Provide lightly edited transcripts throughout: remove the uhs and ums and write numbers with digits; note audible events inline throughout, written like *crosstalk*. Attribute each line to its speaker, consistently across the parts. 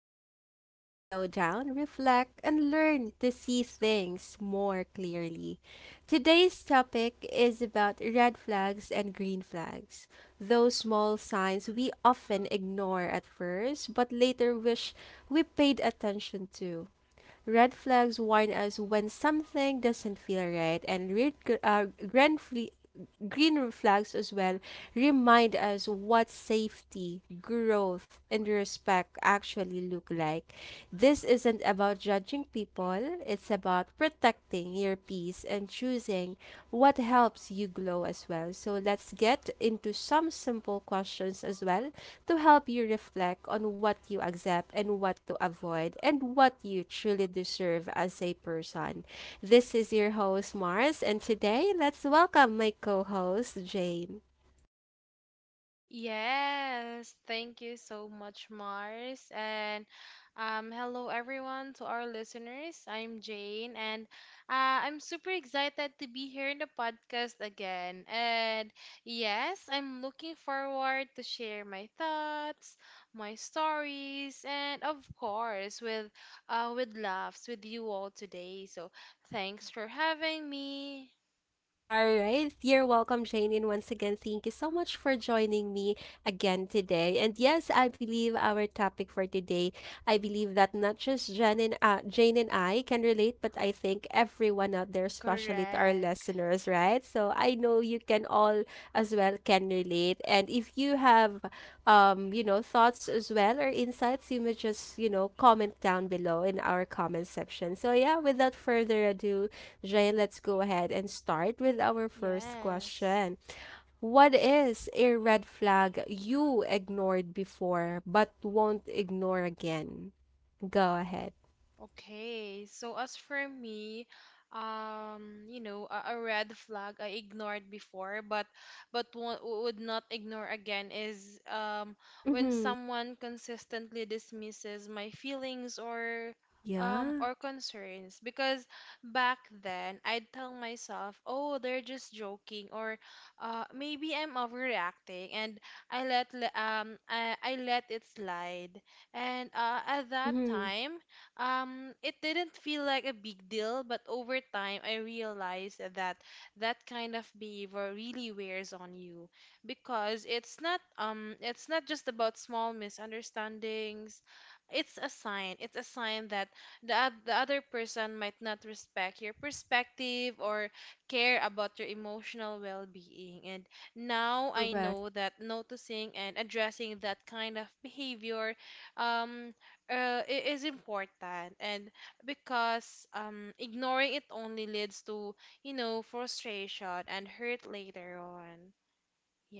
Speaker 1: Talk, where we slow down, reflect, and learn to see things more clearly. Today's topic is about red flags and green flags, those small signs we often ignore at first but later wish we paid attention to. Red flags warn us when something doesn't feel right, and red, gr- grand fle- green flags as well remind us what safety, growth, and respect actually look like. This isn't about judging people, it's about protecting your peace and choosing what helps you glow as well. So let's get into some simple questions as well to help you reflect on what you accept and what to avoid and what you truly deserve as a person. This is your host, Mars, and today let's welcome my co host, Jane.
Speaker 2: Yes, thank you so much, Mars. And hello, everyone, to our listeners. I'm Jane, and I'm super excited to be here in the podcast again. And yes, I'm looking forward to share my thoughts, my stories, and of course, with with laughs with you all today. So thanks for having me.
Speaker 1: All right, you're welcome, Jane. And once again, thank you so much for joining me again today. And yes, I believe our topic for today, I believe that not just Jane and I can relate, but I think everyone out there, especially to our
Speaker 2: Correct.
Speaker 1: listeners, right? So I know you can all as well can relate. And if you have, thoughts as well or insights, you may just, comment down below in our comment section. So yeah, without further ado, Jay, let's go ahead and start with our first
Speaker 2: Yes.
Speaker 1: question. What is a red flag you ignored before but won't ignore again? Go ahead.
Speaker 2: Okay, so as for me, you know, a red flag I ignored before, but would not ignore again is when
Speaker 1: Mm-hmm.
Speaker 2: someone consistently dismisses my feelings or um
Speaker 1: Yeah.
Speaker 2: or concerns because back then I'd tell myself, "Oh, they're just joking," or maybe I'm overreacting and I let it slide. And at that
Speaker 1: Mm-hmm.
Speaker 2: time, it didn't feel like a big deal, but over time I realized that that kind of behavior really wears on you because it's not just about small misunderstandings. It's a sign. It's a sign that the other person might not respect your perspective or care about your emotional well-being. And now I
Speaker 1: Correct.
Speaker 2: know that noticing and addressing that kind of behavior um it is important and because ignoring it only leads to frustration and hurt later on.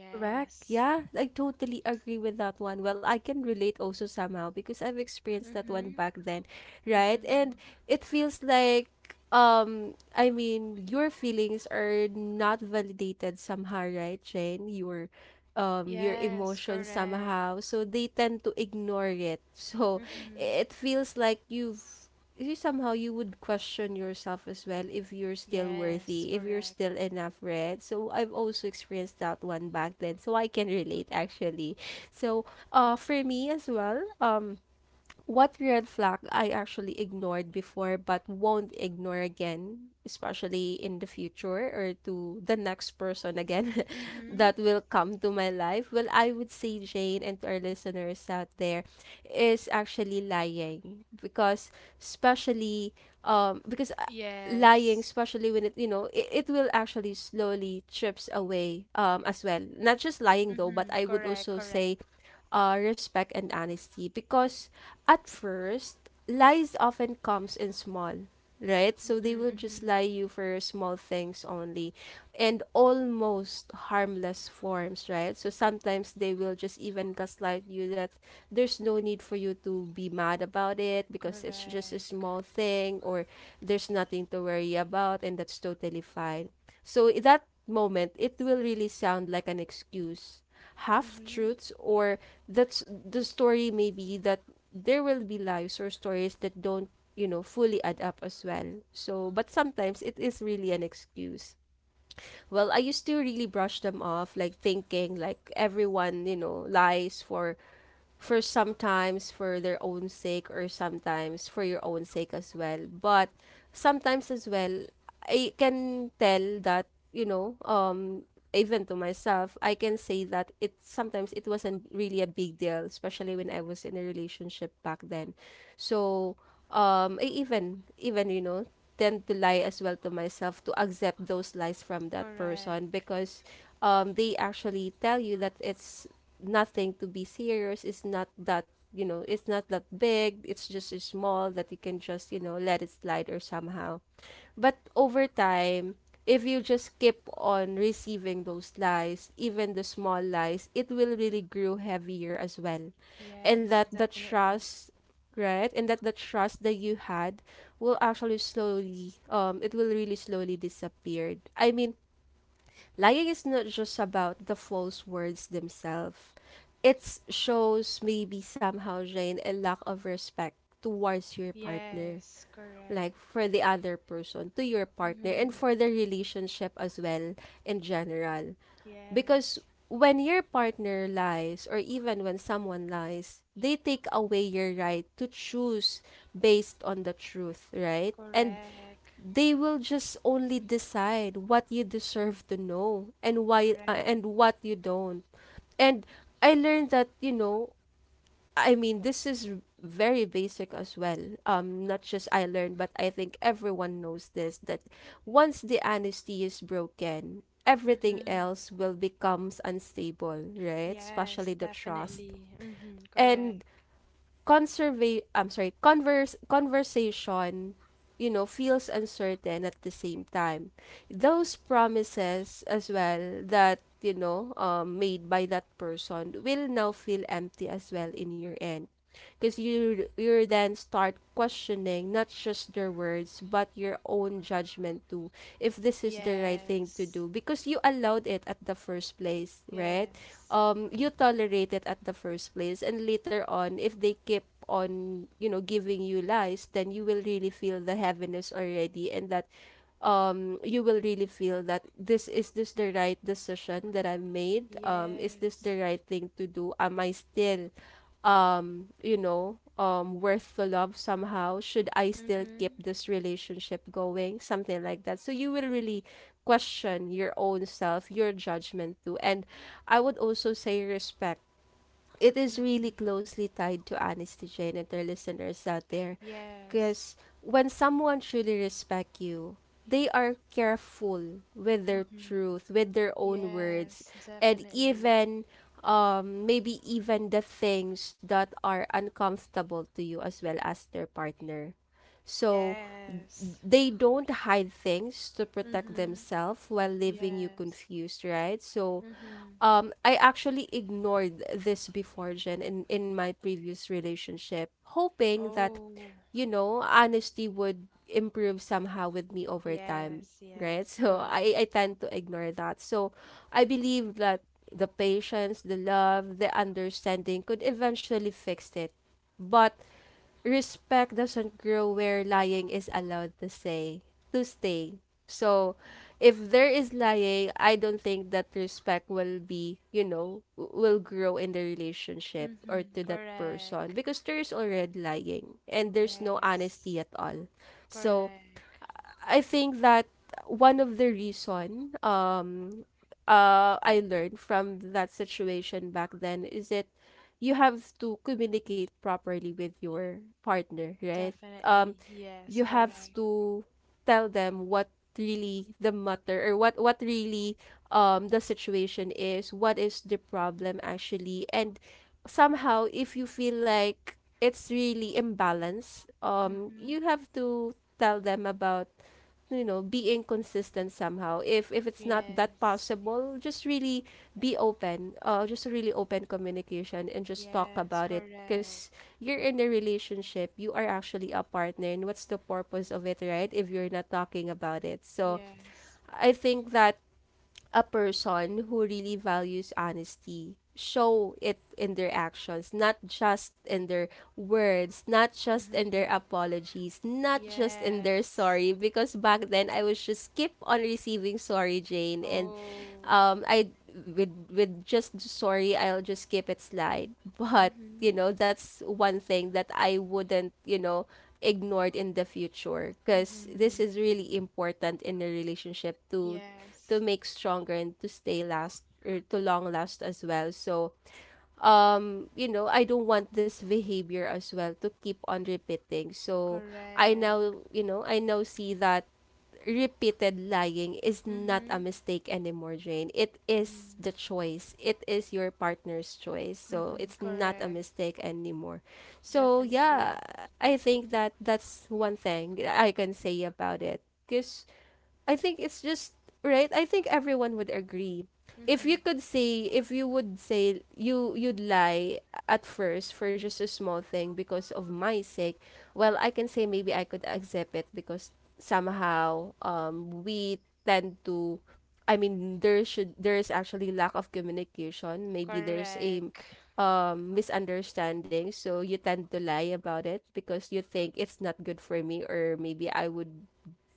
Speaker 1: Correct. Yeah, I totally agree with that one. Well, I can relate also somehow because I've experienced that one
Speaker 2: Mm-hmm.
Speaker 1: back then, right?
Speaker 2: Mm-hmm.
Speaker 1: And it feels like I mean, your feelings are not validated somehow, right, Jane? Your
Speaker 2: Yes,
Speaker 1: emotions
Speaker 2: correct.
Speaker 1: somehow. So they tend to ignore it. *laughs* So
Speaker 2: Mm-hmm.
Speaker 1: it feels like you would question yourself as well if you're still
Speaker 2: Yes,
Speaker 1: worthy, if you're
Speaker 2: correct.
Speaker 1: still enough, right? So I've also experienced that one back then, so I can relate actually. So, for me as well, what red flag I actually ignored before but won't ignore again, especially in the future or to the next person again *laughs*
Speaker 2: Mm-hmm.
Speaker 1: that will come to my life. Well, I would say, Jane, and to our listeners out there, is actually lying. Because, especially, um, because uh, lying,
Speaker 2: Yes.
Speaker 1: especially when it it will actually slowly chips away as well. Not just lying though, but
Speaker 2: Mm-hmm.
Speaker 1: I would
Speaker 2: Correct.
Speaker 1: also
Speaker 2: Correct.
Speaker 1: say respect and honesty, because at first lies often comes in small, right? So they
Speaker 2: Mm-hmm.
Speaker 1: will just
Speaker 2: Mm-hmm.
Speaker 1: lie you for small things only, and almost harmless forms, right? So sometimes they will just even gaslight you that there's no need for you to be mad about it, because it's just a
Speaker 2: Correct.
Speaker 1: small thing, or there's nothing to worry about and that's totally fine. So that moment, it will really sound like an excuse, half
Speaker 2: Mm-hmm.
Speaker 1: truths, or that's the story maybe, that there will be lives or stories that don't, fully add up as well. So, but sometimes it is really an excuse. Well, I used to really brush them off, like thinking like everyone, lies, for sometimes for their own sake or sometimes for your own sake as well. But sometimes as well, I can tell that, you know, um, even to myself, I can say that it sometimes it wasn't really a big deal, especially when I was in a relationship back then. So, I even even tend to lie as well to myself to accept those lies from that person,
Speaker 2: Correct.
Speaker 1: because they actually tell you that it's nothing to be serious. It's not that, it's not that big. It's just small that you can just, let it slide or somehow. But over time, if you just keep on receiving those lies, even the small lies, it will really grow heavier as well. And
Speaker 2: Yes,
Speaker 1: that the
Speaker 2: definitely.
Speaker 1: trust, right? And that the trust that you had will actually slowly it will really slowly disappeared. I mean, lying is not just about the false words themselves. It shows maybe somehow, Jane, a lack of respect towards your partner,
Speaker 2: Yes, correct.
Speaker 1: like for the other person, to your partner, and
Speaker 2: Mhm.
Speaker 1: for the relationship as well in general. Because
Speaker 2: Yes,
Speaker 1: when your partner lies, or even when someone lies, they take away your right to choose based on the truth, right? And
Speaker 2: correct,
Speaker 1: they will just only decide what you deserve to know and why,
Speaker 2: correct.
Speaker 1: and what you don't. And I learned that, I mean, this is very basic as well, not just I learned but I think everyone knows this, that once the honesty is broken everything
Speaker 2: Mm-hmm.
Speaker 1: else will becomes unstable, right?
Speaker 2: Yes,
Speaker 1: Especially the trust.
Speaker 2: definitely. Mm-hmm.
Speaker 1: And
Speaker 2: Correct.
Speaker 1: conserva- I'm sorry converse conversation, feels uncertain at the same time. Those promises as well that, made by that person will now feel empty as well in your end. Because you then start questioning not just their words but your own judgment too, if this is the right thing to
Speaker 2: Yes,
Speaker 1: do because you allowed it at the first place, right?
Speaker 2: yes,
Speaker 1: You tolerated at the first place, and later on if they keep on, giving you lies, then you will really feel the heaviness already. And that, you will really feel that this is this the right decision that I made. Is this the
Speaker 2: yes.
Speaker 1: right thing to do? Am I still, worth the love somehow? Should I still keep
Speaker 2: Mm-hmm.
Speaker 1: this relationship going, something like that? So you will really question your own self, your judgment too. And I would also say respect, it is really
Speaker 2: Mm-hmm.
Speaker 1: closely tied to anesthesia and other listeners out there.
Speaker 2: Yes.
Speaker 1: Because when someone truly respect you, they are careful with their
Speaker 2: Mm-hmm.
Speaker 1: truth, with their own words.
Speaker 2: Yes,
Speaker 1: And
Speaker 2: definitely.
Speaker 1: even, maybe even the things that are uncomfortable to you as well as their partner. So
Speaker 2: Yes.
Speaker 1: they don't hide things to protect
Speaker 2: Mm-hmm.
Speaker 1: themselves while leaving you
Speaker 2: Yes.
Speaker 1: confused, right? So,
Speaker 2: Mm-hmm.
Speaker 1: I actually ignored this before, Jen, in my previous relationship, hoping that,
Speaker 2: Oh,
Speaker 1: honesty would improve somehow with me over time,
Speaker 2: yes,
Speaker 1: right? *laughs*
Speaker 2: yes,
Speaker 1: So
Speaker 2: correct.
Speaker 1: I tend to ignore that. So I believe that the patience, the love, the understanding could eventually fix it. But respect doesn't grow where lying is allowed to stay. So, if there is lying, I don't think that respect will be, you know, w- will grow in the relationship or to
Speaker 2: Mm-hmm.
Speaker 1: that person,
Speaker 2: Correct.
Speaker 1: because there is already lying and there's no honesty
Speaker 2: Yes,
Speaker 1: at all. So,
Speaker 2: correct.
Speaker 1: I think that one of the reason I learned from that situation back then is that you have to communicate properly with your partner, right? Um
Speaker 2: Definitely. Yes,
Speaker 1: you have
Speaker 2: correct.
Speaker 1: to tell them what really the matter, or what really, the situation is, what is the problem actually. And somehow if you feel like it's really imbalanced,
Speaker 2: Mm-hmm.
Speaker 1: you have to tell them about, being consistent somehow. If it's not that
Speaker 2: Yes.
Speaker 1: possible, just really be open just really open communication and just talk
Speaker 2: Yes,
Speaker 1: about it. Because
Speaker 2: correct.
Speaker 1: you're in a relationship, you are actually a partner, and what's the purpose of it, right, if you're not talking about it? So
Speaker 2: Yes.
Speaker 1: I think that a person who really values honesty show it in their actions, not just in their words, not just in their
Speaker 2: Mm-hmm.
Speaker 1: apologies, not just in their
Speaker 2: Yes.
Speaker 1: sorry. Because back then, I was just keep on receiving sorry, Jane. And,
Speaker 2: Oh.
Speaker 1: I, with just sorry, I'll just keep it slide. But
Speaker 2: Mm-hmm.
Speaker 1: that's one thing that I wouldn't, ignored in the future, because this
Speaker 2: Mm-hmm.
Speaker 1: is really important in a relationship, to
Speaker 2: Yes.
Speaker 1: make stronger and to stay last or to long last as well. So, I don't want this behavior as well to keep on repeating. So, I
Speaker 2: Correct.
Speaker 1: now, you know, I now see that repeated lying is not a
Speaker 2: Mm-hmm.
Speaker 1: mistake anymore, Jane. It is
Speaker 2: Mm-hmm.
Speaker 1: the choice. It is your partner's choice. So,
Speaker 2: Mm-hmm.
Speaker 1: it's not a
Speaker 2: Correct.
Speaker 1: mistake anymore. So, yeah,
Speaker 2: Definitely.
Speaker 1: I think that that's one thing I can say about it. Because I think it's just right. I think everyone would agree. If
Speaker 2: Mm-hmm.
Speaker 1: you could say, if you would say you'd lie at first for just a small thing because of my sake, well, I can say maybe I could accept it, because somehow, we tend to, I mean, there should, there is actually lack of communication. Maybe there's a,
Speaker 2: Correct.
Speaker 1: misunderstanding, so you tend to lie about it because you think it's not good for me, or maybe I would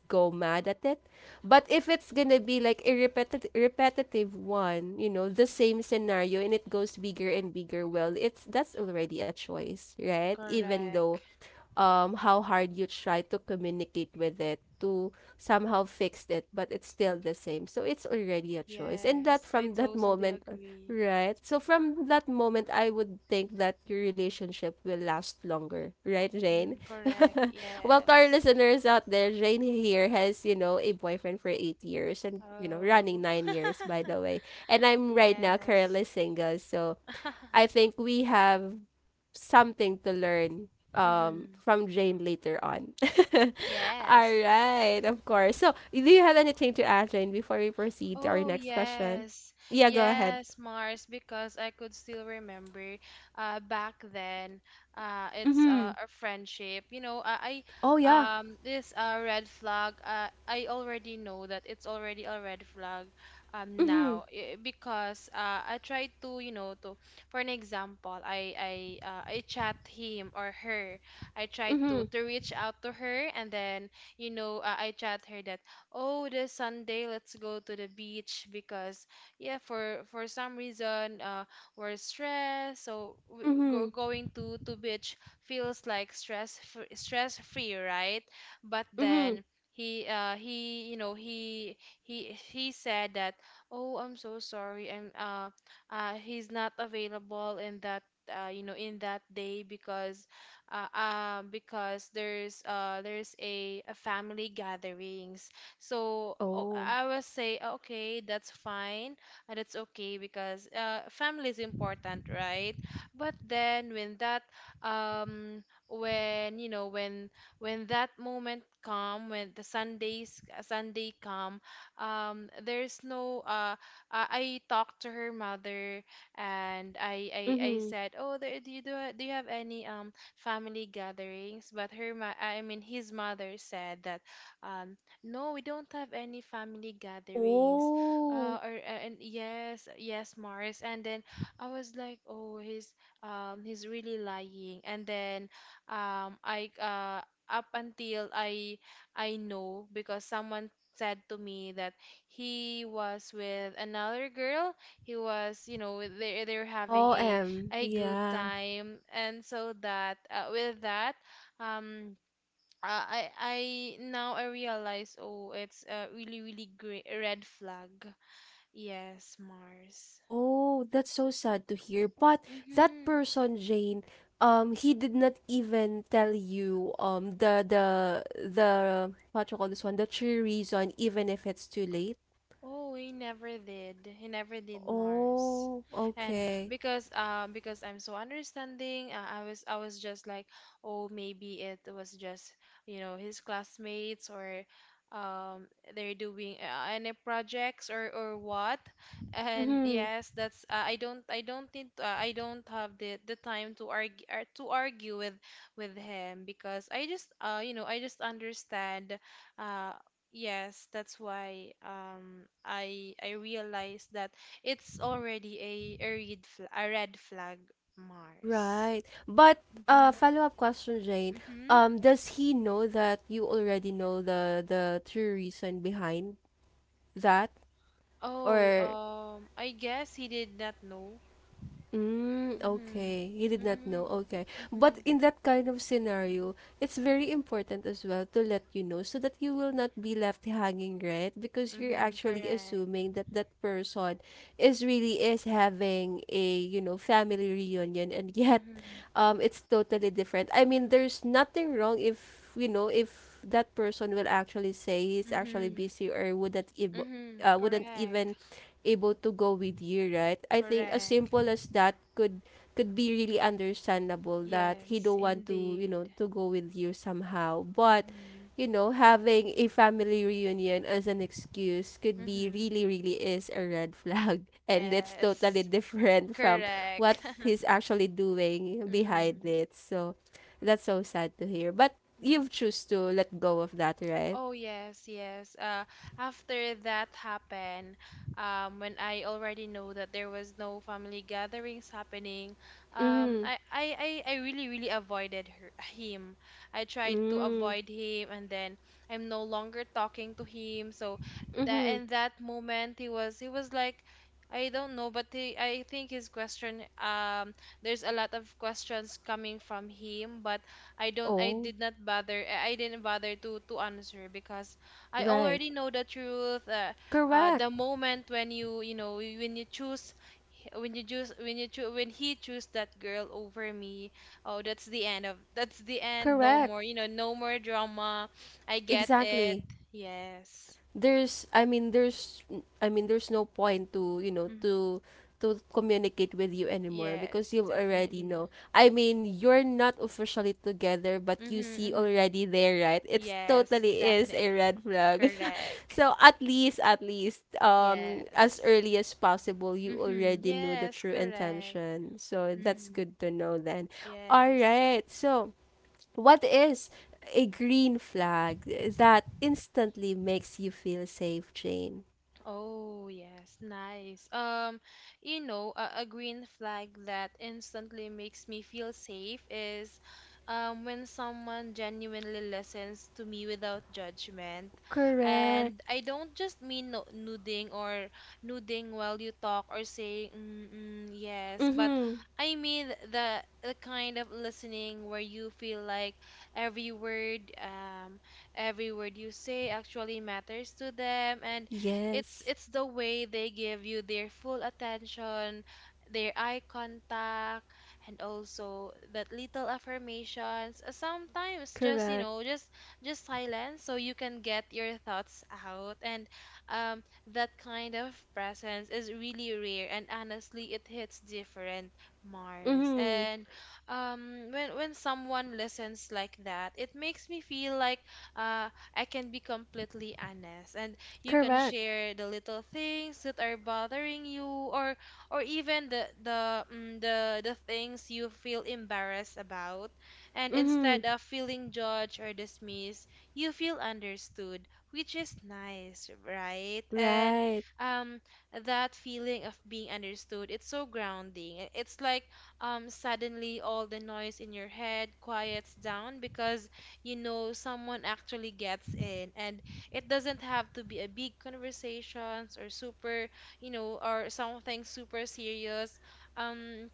Speaker 1: go mad at it. But if it's gonna be like a repetitive one, you know, the same scenario and it goes bigger and bigger, well, it's that's already a choice, right? Even though
Speaker 2: Correct.
Speaker 1: how hard you try to communicate with it to somehow fix it, but it's still the same, so it's already a choice. And that
Speaker 2: Yes, I
Speaker 1: from that
Speaker 2: totally
Speaker 1: moment,
Speaker 2: agree.
Speaker 1: right? So from that moment, I would think that your relationship will last longer, right, Jane?
Speaker 2: Mm, correct.
Speaker 1: *laughs* Well, to our
Speaker 2: Yes.
Speaker 1: listeners out there, Jane here has, a boyfriend for 8 years, and, running
Speaker 2: Oh.
Speaker 1: 9 years by the
Speaker 2: *laughs*
Speaker 1: way, and I'm right now
Speaker 2: Yes.
Speaker 1: currently single, so I
Speaker 2: *laughs*
Speaker 1: think we have something to learn
Speaker 2: Hmm.
Speaker 1: from Jane later on. *laughs* All
Speaker 2: Yes.
Speaker 1: right, of course. So, do you have anything to add, Jane, before we proceed to our
Speaker 2: Oh,
Speaker 1: next question?
Speaker 2: yes.
Speaker 1: Yeah, go ahead.
Speaker 2: Yes, Mars, because I could still remember back then it's
Speaker 1: Mm-hmm.
Speaker 2: a friendship. You know, I
Speaker 1: Oh yeah.
Speaker 2: this red flag I already know that it's already a red flag
Speaker 1: Mm-hmm.
Speaker 2: now because I tried to, you know, to for an example, I chat him or her. I tried
Speaker 1: Mm-hmm.
Speaker 2: to to reach out to her and then you know, I chat her that oh this Sunday let's go to the beach because yeah for some reason we're stressed so w- w- go,
Speaker 1: Mm-hmm.
Speaker 2: going to to beach feels like stress free, right? But
Speaker 1: Mm-hmm.
Speaker 2: then he uh he you know he he said that oh I'm so sorry, I'm he's not available in that in that day because there's a family gatherings. So oh,
Speaker 1: Oh.
Speaker 2: I will say, "Oh, okay, that's fine. That's okay because family is important, right?" But then when that, um, when you know, when when that moment come, when the Sunday come, there's no. I talked to her mother and I
Speaker 1: Mm-hmm.
Speaker 2: said, oh, there, do you have any family gatherings? But her, ma- I mean, his mother said that. Um, no, we don't have any family gatherings.
Speaker 1: Oh.
Speaker 2: Or and yes, yes, Mars. And then I was like, oh, he's really lying. And then I up until I know because someone said to me that he was with another girl. He was, you know, they're having a
Speaker 1: OM.
Speaker 2: a good
Speaker 1: Yeah.
Speaker 2: time. And so that with that, um. I now I realize oh it's a really really great red flag. Yes, Mars.
Speaker 1: Oh, that's so sad to hear. But that
Speaker 2: Mm-hmm.
Speaker 1: person, Jane, he did not even tell you the what you call this one, the true reason, even if it's too late.
Speaker 2: Oh, he never did. He never did, Mars.
Speaker 1: Oh,
Speaker 2: And
Speaker 1: okay.
Speaker 2: because I'm so understanding, I was just like, oh, maybe it was just, you know, his classmates or um they're doing any projects or what. And
Speaker 1: Mm-hmm.
Speaker 2: yes, that's I don't need I don't have the time to argue, to argue with him because I just you know, I just understand. uh Yes, that's why I realized that it's already a red flag, a red flag, Mars.
Speaker 1: Right. But
Speaker 2: Mm-hmm.
Speaker 1: follow-up question, Jane.
Speaker 2: Mm-hmm.
Speaker 1: Does he know that you already know the true reason behind that?
Speaker 2: Oh,
Speaker 1: Or
Speaker 2: I guess he did not know.
Speaker 1: Mm,
Speaker 2: Mm-hmm.
Speaker 1: okay. He did not know.
Speaker 2: Mm-hmm.
Speaker 1: Okay. But
Speaker 2: Mm-hmm.
Speaker 1: in that kind of scenario, it's very important as well to let you know so that you will not be left hanging, right? Because you're
Speaker 2: Mm-hmm.
Speaker 1: actually
Speaker 2: Correct.
Speaker 1: assuming that that person is really is having a, family reunion, and *laughs* yet
Speaker 2: Mm-hmm.
Speaker 1: it's totally different. I mean, there's nothing wrong if, if that person will actually say he's actually
Speaker 2: Mm-hmm.
Speaker 1: busy or
Speaker 2: Mm-hmm.
Speaker 1: wouldn't even
Speaker 2: Correct.
Speaker 1: able to go with you, right? I think as
Speaker 2: Correct.
Speaker 1: simple as that could be really understandable that he
Speaker 2: Yes,
Speaker 1: don't want to,
Speaker 2: indeed.
Speaker 1: to go with you somehow. But,
Speaker 2: Mm-hmm.
Speaker 1: having a family reunion as an excuse could be
Speaker 2: Mm-hmm.
Speaker 1: really, really is a red flag. *laughs* And that's totally
Speaker 2: Yes.
Speaker 1: different from
Speaker 2: Correct.
Speaker 1: what
Speaker 2: *laughs*
Speaker 1: he's actually doing behind
Speaker 2: Mm-hmm.
Speaker 1: it. So that's so sad to hear. But you've choose to let go of that, right?
Speaker 2: Oh yes, yes. After that happened, when I already know that there was no family gatherings happening, um,
Speaker 1: Mm-hmm.
Speaker 2: I, I, I, I really, really avoided her, him. I tried to
Speaker 1: Mm-hmm.
Speaker 2: avoid him, and then I'm no longer talking to him. So that
Speaker 1: Mm-hmm.
Speaker 2: in that moment, he was like, I don't know, but he, I think his question, there's a lot of questions coming from him, but I don't I
Speaker 1: Oh,
Speaker 2: did not bother I didn't bother to answer because I
Speaker 1: right.
Speaker 2: already know the truth.
Speaker 1: Correct.
Speaker 2: The moment when you know when he choose that girl over me, oh, that's the end. No
Speaker 1: Correct.
Speaker 2: more, no more drama. I get it.
Speaker 1: Exactly.
Speaker 2: Yes.
Speaker 1: There's I mean there's there's no point to,
Speaker 2: Mm-hmm.
Speaker 1: to communicate with you anymore because
Speaker 2: Yes,
Speaker 1: you already
Speaker 2: definitely.
Speaker 1: know. I mean, you're not officially together but
Speaker 2: Mm-hmm,
Speaker 1: you see
Speaker 2: mm-hmm.
Speaker 1: already there, right? It's
Speaker 2: Yes,
Speaker 1: totally is a
Speaker 2: definitely.
Speaker 1: red flag. *laughs*
Speaker 2: Correct.
Speaker 1: So at least, at least, as
Speaker 2: Yes.
Speaker 1: early as possible, you
Speaker 2: Mm-hmm.
Speaker 1: already knew the
Speaker 2: Yes,
Speaker 1: true
Speaker 2: correct.
Speaker 1: intention. So that's
Speaker 2: Mm.
Speaker 1: good to know then. All
Speaker 2: Yes.
Speaker 1: right. So what is a green flag that instantly makes you feel safe, Jane?
Speaker 2: Oh, yes, nice. You know, a green flag that instantly makes me feel safe is when someone genuinely listens to me without judgment.
Speaker 1: Correct.
Speaker 2: And I don't just mean no nodding or nodding while you talk or saying mm, mm, yes, but
Speaker 1: Mm-hmm.
Speaker 2: I mean the kind of listening where you feel like every word, um, every word you say actually matters to them, and it's
Speaker 1: Yes.
Speaker 2: it's the way they give you their full attention, their eye contact, and also that little affirmations. Sometimes just, you
Speaker 1: Correct.
Speaker 2: know, just silence so you can get your thoughts out. And um, that kind of presence is really rare, and honestly, it hits different, Mars.
Speaker 1: Mm-hmm.
Speaker 2: And when someone listens like that, it makes me feel like I can be completely honest, and you can
Speaker 1: Correct.
Speaker 2: share the little things that are bothering you or or even the mm, the things you feel embarrassed about. And
Speaker 1: Mm-hmm.
Speaker 2: instead of feeling judged or dismissed, you feel understood, which is nice, right? And
Speaker 1: Right.
Speaker 2: um that feeling of being understood, it's so grounding. It's like suddenly all the noise in your head quiets down because you know someone actually gets in, and it doesn't have to be a big conversations or super, you know, or something super serious. Um,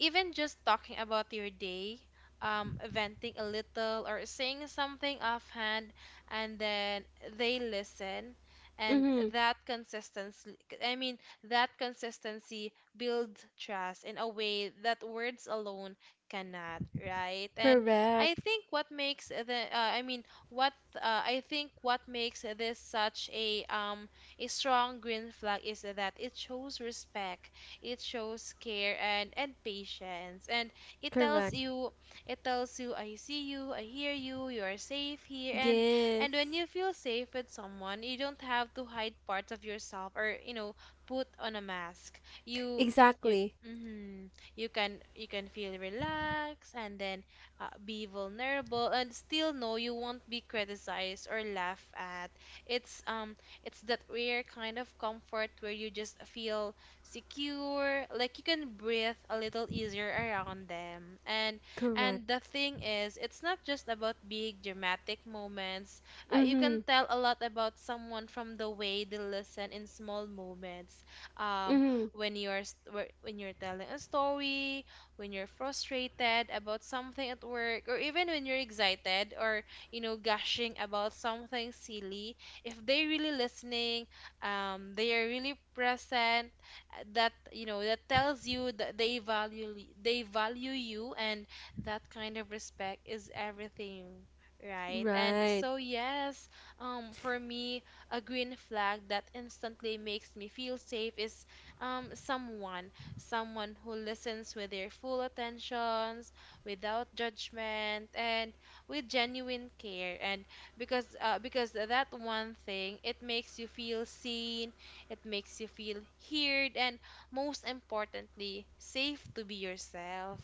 Speaker 2: even just talking about your day, venting a little or saying something offhand, and then they listen. And
Speaker 1: Mm-hmm.
Speaker 2: that consistency, I mean, that consistency builds trust in a way that words alone cannot, right? And
Speaker 1: Correct.
Speaker 2: I mean, what I think what makes this such a strong green flag is that it shows respect, it shows care and patience, and it tells
Speaker 1: Correct.
Speaker 2: you, it tells you, I see you, I hear you, you are safe here, and when
Speaker 1: Yes.
Speaker 2: you feel safe with someone, you don't have to hide parts of yourself or, put on a mask. You you.
Speaker 1: Exactly.
Speaker 2: mhm. You can you can feel relaxed and then be vulnerable and still know you won't be criticized or laughed at. It's um it's that rare kind of comfort where you just feel secure, like you can breathe a little easier around them, and
Speaker 1: Correct.
Speaker 2: the thing is it's not just about big dramatic moments. You
Speaker 1: Mm-hmm.
Speaker 2: can tell a lot about someone from the way they listen in small moments. um
Speaker 1: Mm-hmm.
Speaker 2: when when you're telling a story, when you're frustrated about something at work, or even when you're excited or gushing about something silly. If they're really listening, they are really present. That, you know, that tells you that they value they value you, and that kind of respect is everything, right? And
Speaker 1: Right.
Speaker 2: so yes, for me, a green flag that instantly makes me feel safe is um someone someone who listens with their full attentions, without judgment, and with genuine care. And because that one thing, it makes you feel seen, it makes you feel heard, and most importantly, safe to be yourself.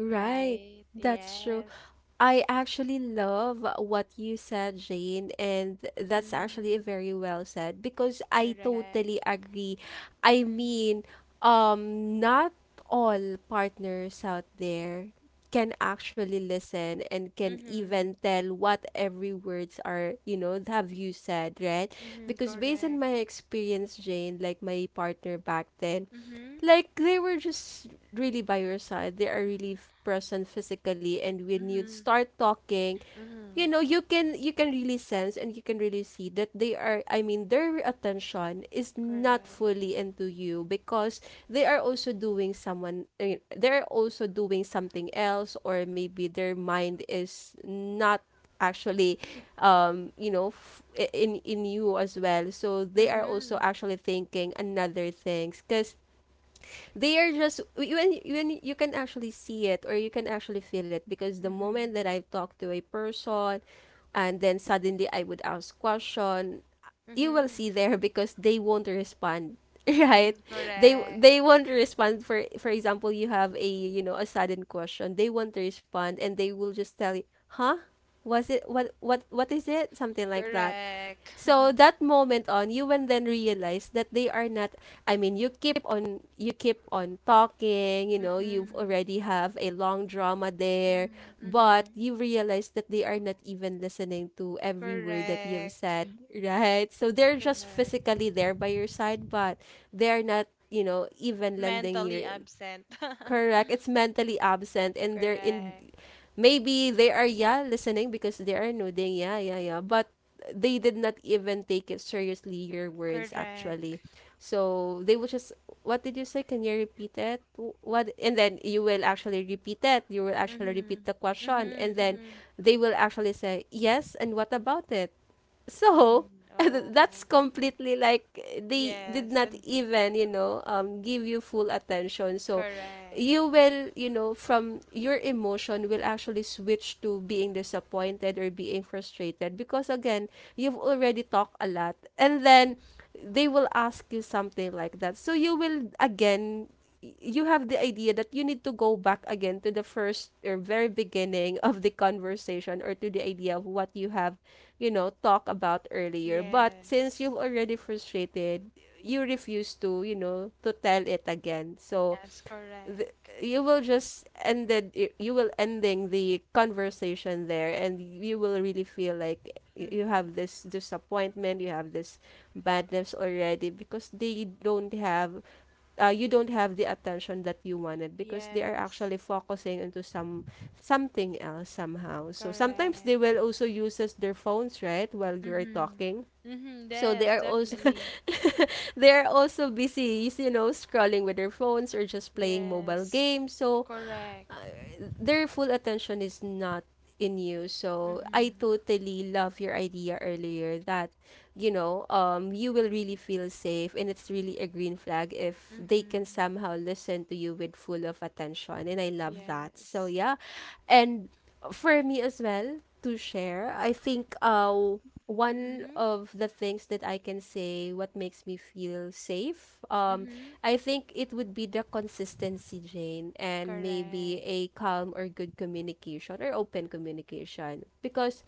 Speaker 1: Right.
Speaker 2: Right?
Speaker 1: That's true.
Speaker 2: Yes.
Speaker 1: I actually love what you said, Jane, and that's
Speaker 2: Mm-hmm.
Speaker 1: actually very well said because I
Speaker 2: Correct.
Speaker 1: totally agree. I
Speaker 2: Mm-hmm.
Speaker 1: mean, not all partners out there can actually listen and can
Speaker 2: Mm-hmm.
Speaker 1: even tell what every words are, have you said, right?
Speaker 2: Mm-hmm.
Speaker 1: Because based on
Speaker 2: Correct.
Speaker 1: my experience, Jane, like my partner back then,
Speaker 2: Mm-hmm.
Speaker 1: like they were just really by your side. They are really present physically, and when you
Speaker 2: Mm-hmm.
Speaker 1: start talking,
Speaker 2: Mm-hmm.
Speaker 1: you know you can really sense and you can really see that they are. I mean, their attention is not
Speaker 2: Correct.
Speaker 1: fully into you because they are also doing someone. I mean, they're also doing something else, or maybe their mind is not actually um you know f- in you as well, so they are also
Speaker 2: Mm-hmm.
Speaker 1: actually thinking another things because they are just when you can actually see it, or you can actually feel it because the moment
Speaker 2: Mm-hmm.
Speaker 1: that I talk to a person and then suddenly I would ask question, you will
Speaker 2: Mm-hmm.
Speaker 1: see there because they won't respond, *laughs* right?
Speaker 2: Mm-hmm.
Speaker 1: They
Speaker 2: Correct.
Speaker 1: they won't respond. For example, you have a, a sudden question, they won't respond and they will just tell you, "Huh? Was it what is it?" something like that.
Speaker 2: Correct.
Speaker 1: So
Speaker 2: *laughs*
Speaker 1: that moment on, you will then realize that they are not. I mean, you keep on talking. You know, you've
Speaker 2: Mm-hmm.
Speaker 1: already have a long drama there, but
Speaker 2: Mm-hmm.
Speaker 1: you realize that they are not even listening to every word that you've
Speaker 2: Correct.
Speaker 1: said, right? So they're just
Speaker 2: Correct.
Speaker 1: physically there by your side, but they're not. You know, even lending
Speaker 2: Mentally
Speaker 1: your
Speaker 2: absent. *laughs*
Speaker 1: correct. It's mentally absent, and they're in
Speaker 2: Correct.
Speaker 1: maybe they are, yeah, listening because they are nodding, yeah, yeah, yeah, but they did not even take it seriously, your words
Speaker 2: Correct.
Speaker 1: actually. So they will just what did you say, can you repeat it? What? And then you will actually repeat it, you will actually
Speaker 2: Mm-hmm.
Speaker 1: repeat the question,
Speaker 2: Mm-hmm.
Speaker 1: and then
Speaker 2: Mm-hmm.
Speaker 1: they will actually say yes and what about it. So
Speaker 2: Mm.
Speaker 1: *laughs* that's
Speaker 2: Oh,
Speaker 1: completely like they did
Speaker 2: yes,
Speaker 1: not
Speaker 2: and
Speaker 1: even, give you full attention, so
Speaker 2: correct.
Speaker 1: you will, from your emotion will actually switch to being disappointed or being frustrated because again, you've already talked a lot, and then they will ask you something like that, so you will again you have the idea that you need to go back again to the first or very beginning of the conversation or to the idea of what you have, talk about earlier. But since
Speaker 2: Yes.
Speaker 1: you've already frustrated, you refuse to, to tell it again. So
Speaker 2: Yes,
Speaker 1: th-
Speaker 2: correct.
Speaker 1: you will just ended, you will ending the conversation there, and you will really feel like you have
Speaker 2: Mm-hmm.
Speaker 1: this disappointment, you have this badness already because they don't have you don't have the attention that you wanted because they are
Speaker 2: Yes,
Speaker 1: actually focusing into something else somehow. So sometimes they will
Speaker 2: correct.
Speaker 1: also uses their phones, right, while you're
Speaker 2: Mm-hmm.
Speaker 1: talking.
Speaker 2: Mm-hmm.
Speaker 1: So they
Speaker 2: Yes,
Speaker 1: are also
Speaker 2: definitely.
Speaker 1: *laughs* they are also busy, scrolling with their phones or just playing mobile
Speaker 2: Yes,
Speaker 1: games. So
Speaker 2: correct.
Speaker 1: their full attention is not in you. So I
Speaker 2: Mm-hmm.
Speaker 1: totally love your idea earlier that, you will really feel safe, and it's really a green flag if they can
Speaker 2: Mm-hmm.
Speaker 1: somehow listen to you with full of attention. And I love that. So
Speaker 2: Yes.
Speaker 1: yeah. And for me as well to share, I think one
Speaker 2: Mm-hmm.
Speaker 1: of the things that I can say what makes me feel safe,
Speaker 2: Mm-hmm.
Speaker 1: I think it would be the consistency, Jane, and maybe
Speaker 2: Correct.
Speaker 1: a calm or good communication or open communication because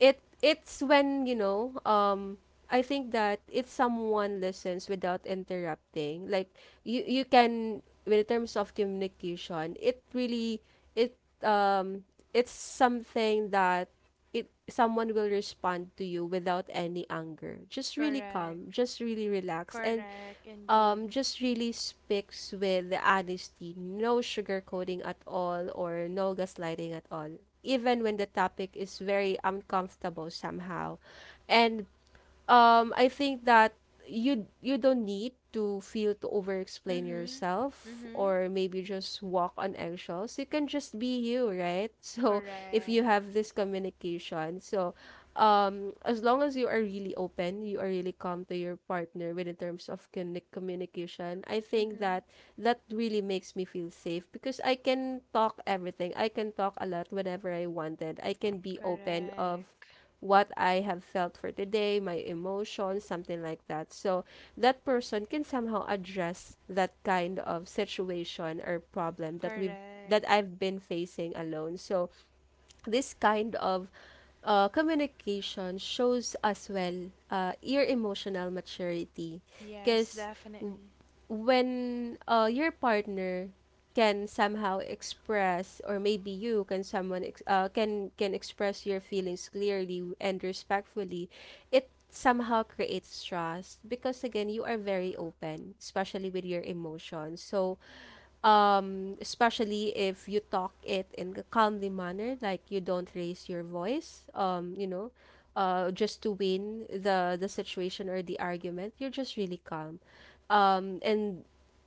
Speaker 1: it's when you know I think that if someone listens without interrupting, like you can in terms of communication, it really it it's something that it someone will respond to you without any anger. Just really calm,
Speaker 2: Correct.
Speaker 1: just really relax, and
Speaker 2: Correct, indeed.
Speaker 1: just really speaks with the honesty, no sugarcoating at all or no gaslighting at all, even when the topic is very uncomfortable somehow. And I think that you don't need to feel to over explain
Speaker 2: Mm-hmm.
Speaker 1: yourself
Speaker 2: Mm-hmm.
Speaker 1: or maybe just walk on eggshells. You can just be you, right? *laughs* So if you
Speaker 2: Correct.
Speaker 1: have this communication, so as long as you are really open, you are really calm to your partner when in terms of communication, I think
Speaker 2: Mm-hmm.
Speaker 1: that that really makes me feel safe because I can talk everything. I can talk a lot whenever I wanted. I can be open of
Speaker 2: Correct.
Speaker 1: what I have felt for today, my emotions, something like that. So that person can somehow address that kind of situation or problem that we've that
Speaker 2: Correct.
Speaker 1: I've been facing alone. So this kind of communication shows as well your emotional maturity
Speaker 2: Yes,
Speaker 1: because
Speaker 2: definitely.
Speaker 1: when your partner can somehow express or maybe you can someone can express your feelings clearly and respectfully, it somehow creates trust because again, you are very open especially with your emotions. So especially if you talk it in a calmly manner, like you don't raise your voice, just to win the situation or the argument, you're just really calm, and,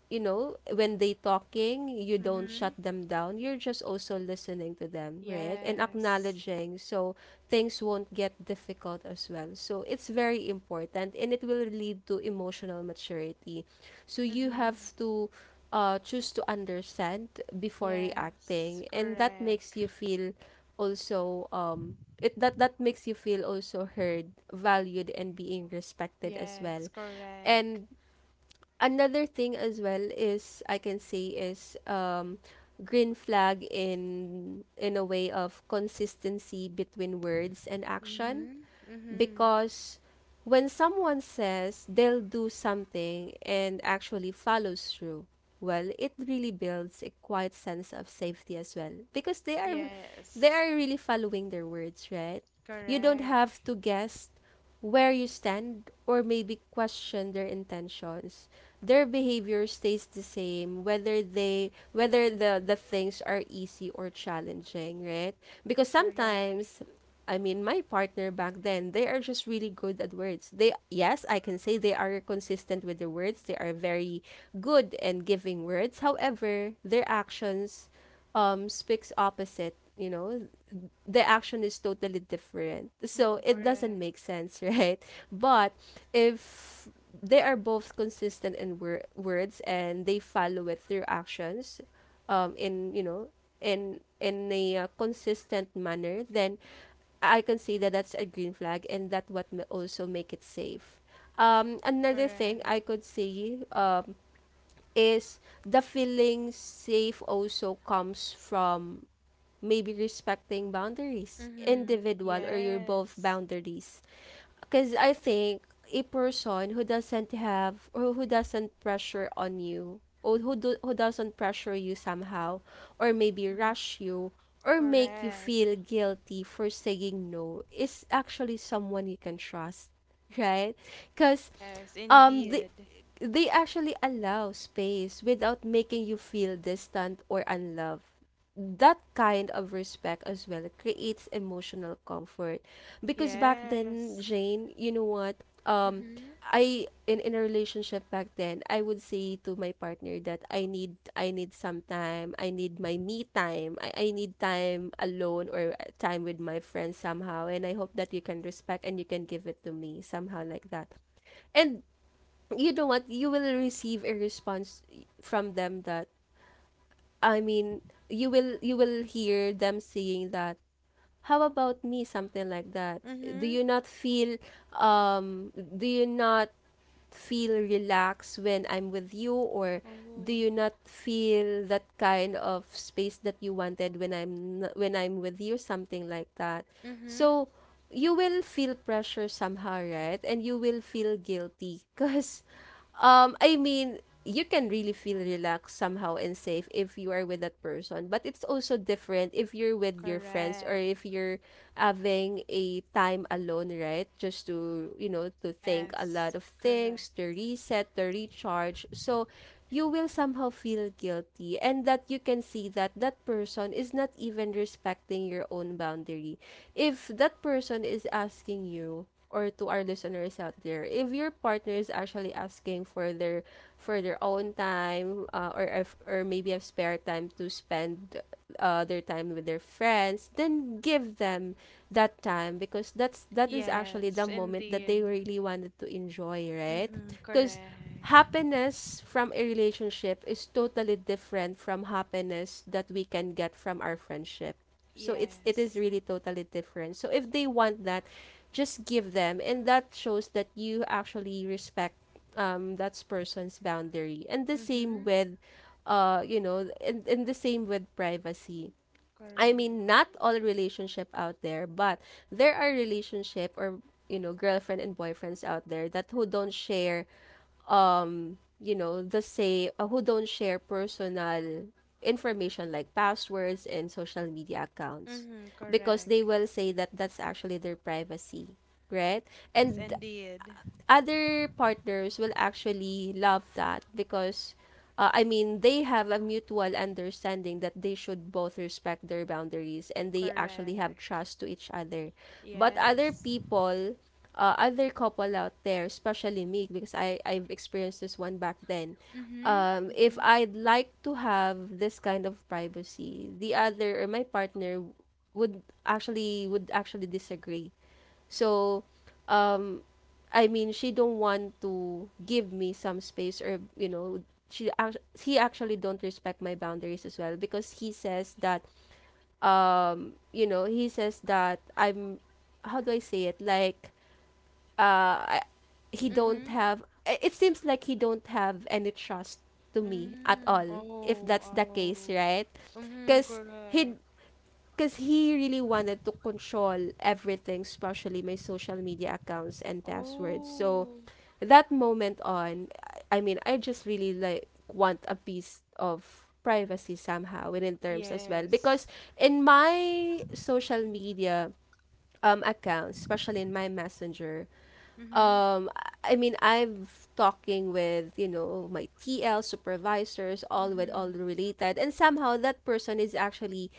Speaker 1: when they talking, you don't
Speaker 2: Mm-hmm.
Speaker 1: shut them down, you're just also listening to them, right, and
Speaker 2: Yes.
Speaker 1: acknowledging. So things won't get difficult as well, so it's very important and it will lead to emotional maturity. So you have
Speaker 2: Mm-hmm.
Speaker 1: to choose to understand before
Speaker 2: Yes.
Speaker 1: reacting, and that makes
Speaker 2: Correct.
Speaker 1: you feel also it that that makes you feel also heard, valued, and being respected as well.
Speaker 2: Yes. Correct.
Speaker 1: And another thing as well is I can say is green flag in a way of consistency between words and action
Speaker 2: Mm-hmm. Mm-hmm.
Speaker 1: because when someone says they'll do something and actually follows through, well, it really builds a quiet sense of safety as well because they
Speaker 2: Yes.
Speaker 1: are really following their words, right? You don't
Speaker 2: Correct.
Speaker 1: have to guess where you stand or maybe question their intentions. Their behavior stays the same whether the things are easy or challenging, right? Because
Speaker 2: Correct.
Speaker 1: sometimes I mean, my partner back then, they are just really good at words. They, yes, I can say they are consistent with their words. They are very good and giving words. However, their actions speaks opposite. You know, the action is totally different. So
Speaker 2: Mm-hmm.
Speaker 1: it doesn't
Speaker 2: Correct.
Speaker 1: make sense, *laughs* right? But if they are both consistent in words and they follow it through actions in you know in a consistent manner then I can say that that's a green flag and that what may also make it safe. Another thing I
Speaker 2: Correct.
Speaker 1: could say is the feeling safe also comes from maybe respecting boundaries,
Speaker 2: Mm-hmm.
Speaker 1: individual or your both
Speaker 2: Yes.
Speaker 1: boundaries. Because I think a person who doesn't have or who doesn't pressure on you or who doesn't pressure you somehow or maybe
Speaker 2: Mm-hmm.
Speaker 1: rush you or make you feel
Speaker 2: Correct.
Speaker 1: guilty for saying no is actually someone you can trust, *laughs* right? Because
Speaker 2: Yes,
Speaker 1: um the
Speaker 2: indeed.
Speaker 1: they actually allow space without making you feel distant or unloved. That kind of respect as well creates emotional comfort. Because back then,
Speaker 2: Yes.
Speaker 1: Jane, you know what? Um
Speaker 2: Mm-hmm.
Speaker 1: I in a relationship back then, I would say to my partner that I need some time, I need my me time. I need time alone or time with my friends somehow and I hope that you can respect and you can give it to me somehow like that. And you know what, you will receive a response from them that, i mean you will hear them saying that, how about me, something like that. Do
Speaker 2: Mm-hmm.
Speaker 1: you not feel, do you not feel relaxed when I'm with you? Or do
Speaker 2: Oh.
Speaker 1: you not feel that kind of space that you wanted when when I'm with you, something like that.
Speaker 2: Mm-hmm.
Speaker 1: So you will feel pressure somehow, right? And you will feel guilty *laughs* because I mean, you can really feel relaxed somehow and safe if you are with that person. But it's also different if you're with your friends or if
Speaker 2: Correct.
Speaker 1: you're having a time alone, right? Just to, you know, to think a lot
Speaker 2: Yes.
Speaker 1: of things,
Speaker 2: Correct.
Speaker 1: to reset, to recharge. So you will somehow feel guilty and that you can see that that person is not even respecting your own boundary. If that person is asking you, or to our listeners out there, if your partner is actually asking for their own time, or if, or maybe a spare time to spend their time with their friends, then give them that time, because that is actually the
Speaker 2: Yes,
Speaker 1: moment that they
Speaker 2: indeed.
Speaker 1: really wanted to enjoy, right?
Speaker 2: Mm-hmm.
Speaker 1: Because
Speaker 2: Correct.
Speaker 1: happiness from a relationship is totally different from happiness that we can get from our friendship. So it is
Speaker 2: Yes.
Speaker 1: really totally different. So if they want that, just give them, and that shows that you actually respect that person's boundary. And the same
Speaker 2: Mm-hmm.
Speaker 1: with you know and the same with privacy. I
Speaker 2: Correct.
Speaker 1: mean, not all relationship out there, but there are relationship or you know, girlfriend and boyfriends out there that who don't share, you know, the say who don't share personal information like passwords and social media accounts,
Speaker 2: Mm-hmm.
Speaker 1: because they
Speaker 2: Correct.
Speaker 1: will say that that's actually their privacy, right?
Speaker 2: Yes,
Speaker 1: And
Speaker 2: indeed.
Speaker 1: other partners will actually love that, because I mean, they have a mutual understanding that they should both respect their boundaries and they actually have
Speaker 2: Correct.
Speaker 1: trust to each other. But other
Speaker 2: Yes.
Speaker 1: people, other couple out there, especially me, because I've experienced this one back then.
Speaker 2: Mm-hmm.
Speaker 1: If
Speaker 2: Mm-hmm.
Speaker 1: I'd like to have this kind of privacy, the other or my partner would actually disagree, so, um, I mean, she don't want to give me some space, or you know, he actually don't respect my boundaries as well, because he says that you know, he says that I'm, how do I say it? Like uh I, he don't
Speaker 2: Mm-hmm.
Speaker 1: have it seems like he don't have any trust to me at
Speaker 2: Mm.
Speaker 1: all if
Speaker 2: Oh,
Speaker 1: that's the case,
Speaker 2: oh.
Speaker 1: right?
Speaker 2: Mm-hmm.
Speaker 1: Cuz he
Speaker 2: Correct.
Speaker 1: because he really wanted to control everything, especially my social media accounts and passwords. So
Speaker 2: Oh,
Speaker 1: that moment on, I mean, I just really like want a piece of privacy somehow within terms as well, because
Speaker 2: yes.
Speaker 1: in my social media accounts, especially in my messenger.
Speaker 2: Mm-hmm.
Speaker 1: I mean, I've talking with you know my TL supervisors, all with all
Speaker 2: Mm-hmm.
Speaker 1: related, and somehow that person is actually,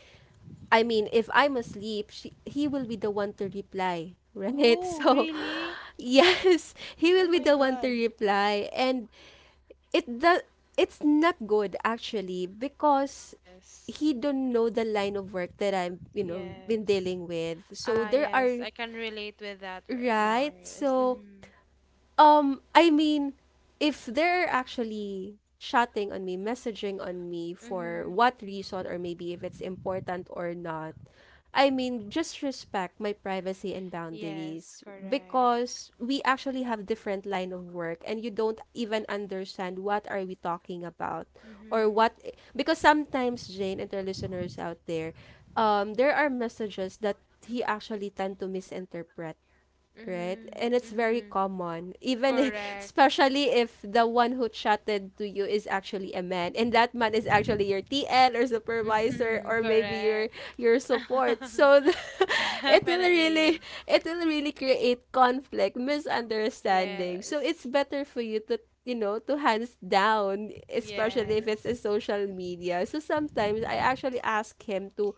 Speaker 1: I mean, if I'm asleep, he will be the one to reply, right? *laughs*
Speaker 2: Oh,
Speaker 1: So,
Speaker 2: really?
Speaker 1: yes, he will
Speaker 2: Oh
Speaker 1: be
Speaker 2: my
Speaker 1: the one to
Speaker 2: God.
Speaker 1: reply, and it the it's not good actually, because
Speaker 2: Yes.
Speaker 1: he don't know the line of work that I've you know been
Speaker 2: Yes.
Speaker 1: dealing with. So
Speaker 2: Ah,
Speaker 1: there
Speaker 2: yes.
Speaker 1: are.
Speaker 2: I can relate with that,
Speaker 1: Right.
Speaker 2: Mars.
Speaker 1: So,
Speaker 2: Mm-hmm.
Speaker 1: I mean, if they're actually chatting on me, messaging on me, for
Speaker 2: Mm-hmm.
Speaker 1: what reason, or maybe if it's important or not, I mean, just respect my privacy and
Speaker 2: Yes,
Speaker 1: boundaries,
Speaker 2: correct.
Speaker 1: because we actually have different line of work and you don't even understand what are we talking about, or
Speaker 2: Mm-hmm.
Speaker 1: what, because sometimes Jane and their listeners out there, there are messages that he actually tend to misinterpret, right?
Speaker 2: Mm-hmm.
Speaker 1: And it's very
Speaker 2: Mm-hmm.
Speaker 1: common, even if, *laughs*
Speaker 2: Correct.
Speaker 1: especially if the one who chatted to you is actually a man, and that man is actually your TN or supervisor
Speaker 2: Mm-hmm.
Speaker 1: or maybe
Speaker 2: Correct.
Speaker 1: your support.
Speaker 2: *laughs*
Speaker 1: So the, *laughs* it will really,
Speaker 2: Definitely.
Speaker 1: it will really create conflict, misunderstanding. So it's
Speaker 2: Yes.
Speaker 1: better for you to, you know, to hands down, especially if it's a
Speaker 2: Yes.
Speaker 1: social media. So sometimes I actually ask him to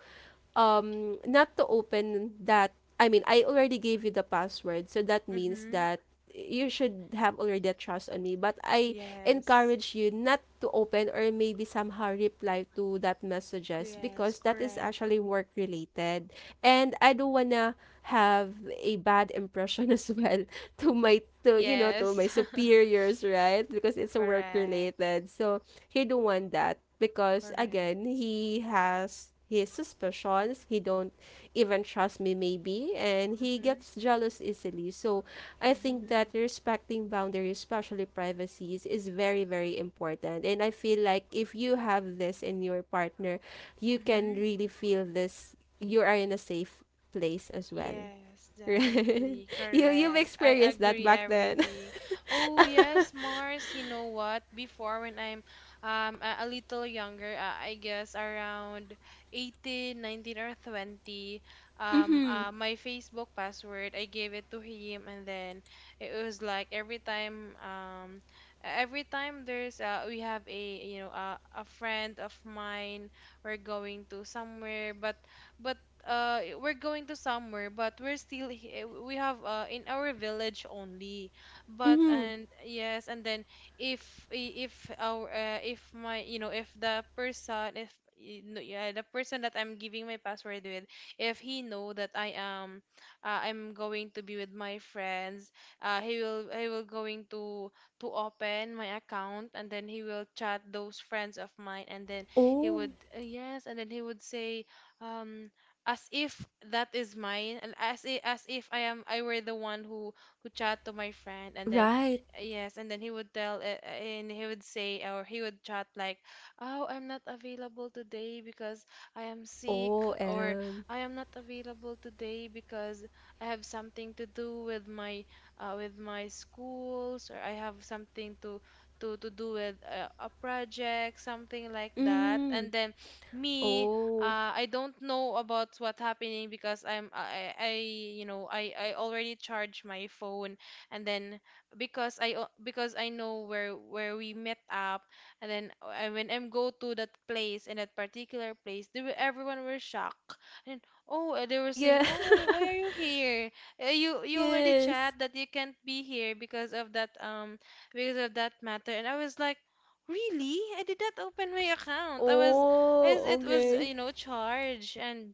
Speaker 1: not to open that. I mean, I already gave you the password, so that means
Speaker 2: Mm-hmm.
Speaker 1: that you should have already a trust on me, but I
Speaker 2: Yes.
Speaker 1: encourage you not to open or maybe somehow reply to that messages,
Speaker 2: Yes,
Speaker 1: because that is
Speaker 2: correct.
Speaker 1: actually work related, and I don't wanna have a bad impression as well *laughs* to my, to you know, to my
Speaker 2: Yes. *laughs*
Speaker 1: superiors, right? Because it's a work
Speaker 2: Correct.
Speaker 1: related. So he don't want that, because
Speaker 2: Correct.
Speaker 1: again, he has his suspicions, he don't even trust me, maybe, and he
Speaker 2: Mm-hmm.
Speaker 1: gets jealous easily. So I think that
Speaker 2: Mm-hmm.
Speaker 1: respecting boundaries, especially privacies, is very very important, and I feel like if you have this in your partner, you can
Speaker 2: Mm-hmm.
Speaker 1: really feel this, you are in a safe place as well.
Speaker 2: Yes,
Speaker 1: *laughs* Right?
Speaker 2: definitely.
Speaker 1: You, you've
Speaker 2: Correct. I
Speaker 1: experienced that
Speaker 2: agree
Speaker 1: back then.
Speaker 2: everything.
Speaker 1: *laughs*
Speaker 2: Oh, yes, Mars, you know what? Before when I'm a little younger, I guess around 18, 19, or 20,
Speaker 1: Mm-hmm.
Speaker 2: my Facebook password, I gave it to him. And then it was like every time there's we have, a you know, a friend of mine, we're going to somewhere, but but we're going to somewhere, but we're still, we have in our village only, but
Speaker 1: Mm-hmm.
Speaker 2: and yes. And then if our if my you know if the person, if y- no, yeah, the person that I'm giving my password with, if he know that I am, I'm going to be with my friends, he will going to open my account, and then he will chat those friends of mine. And then he
Speaker 1: Oh,
Speaker 2: would yes and then he would say, um as if that is mine, and as if, I am I were the one who chat to my friend. And then
Speaker 1: right.
Speaker 2: yes, and then he would tell and he would say, or he would chat like, "Oh, I'm not available today because I am sick."
Speaker 1: Oh.
Speaker 2: Or, "I am not available today because I have something to do with my, with my schools. Or I have something to do with, a project," something like that.
Speaker 1: Mm-hmm.
Speaker 2: And then me,
Speaker 1: Oh,
Speaker 2: I don't know about what's happening because I'm I, you know, I already charged my phone. And then because because I know where we met up. And then, when I go to that place, in that particular place, they were, everyone were shocked. And, oh, they were saying,
Speaker 1: yeah.
Speaker 2: "Oh, why are you
Speaker 1: *laughs*
Speaker 2: here? You you already
Speaker 1: Yes.
Speaker 2: chat that you can't be here because of that, matter." And I was like, "Really? I did not open my account. I was, as
Speaker 1: Oh,
Speaker 2: it was,
Speaker 1: okay.
Speaker 2: you know, charged." And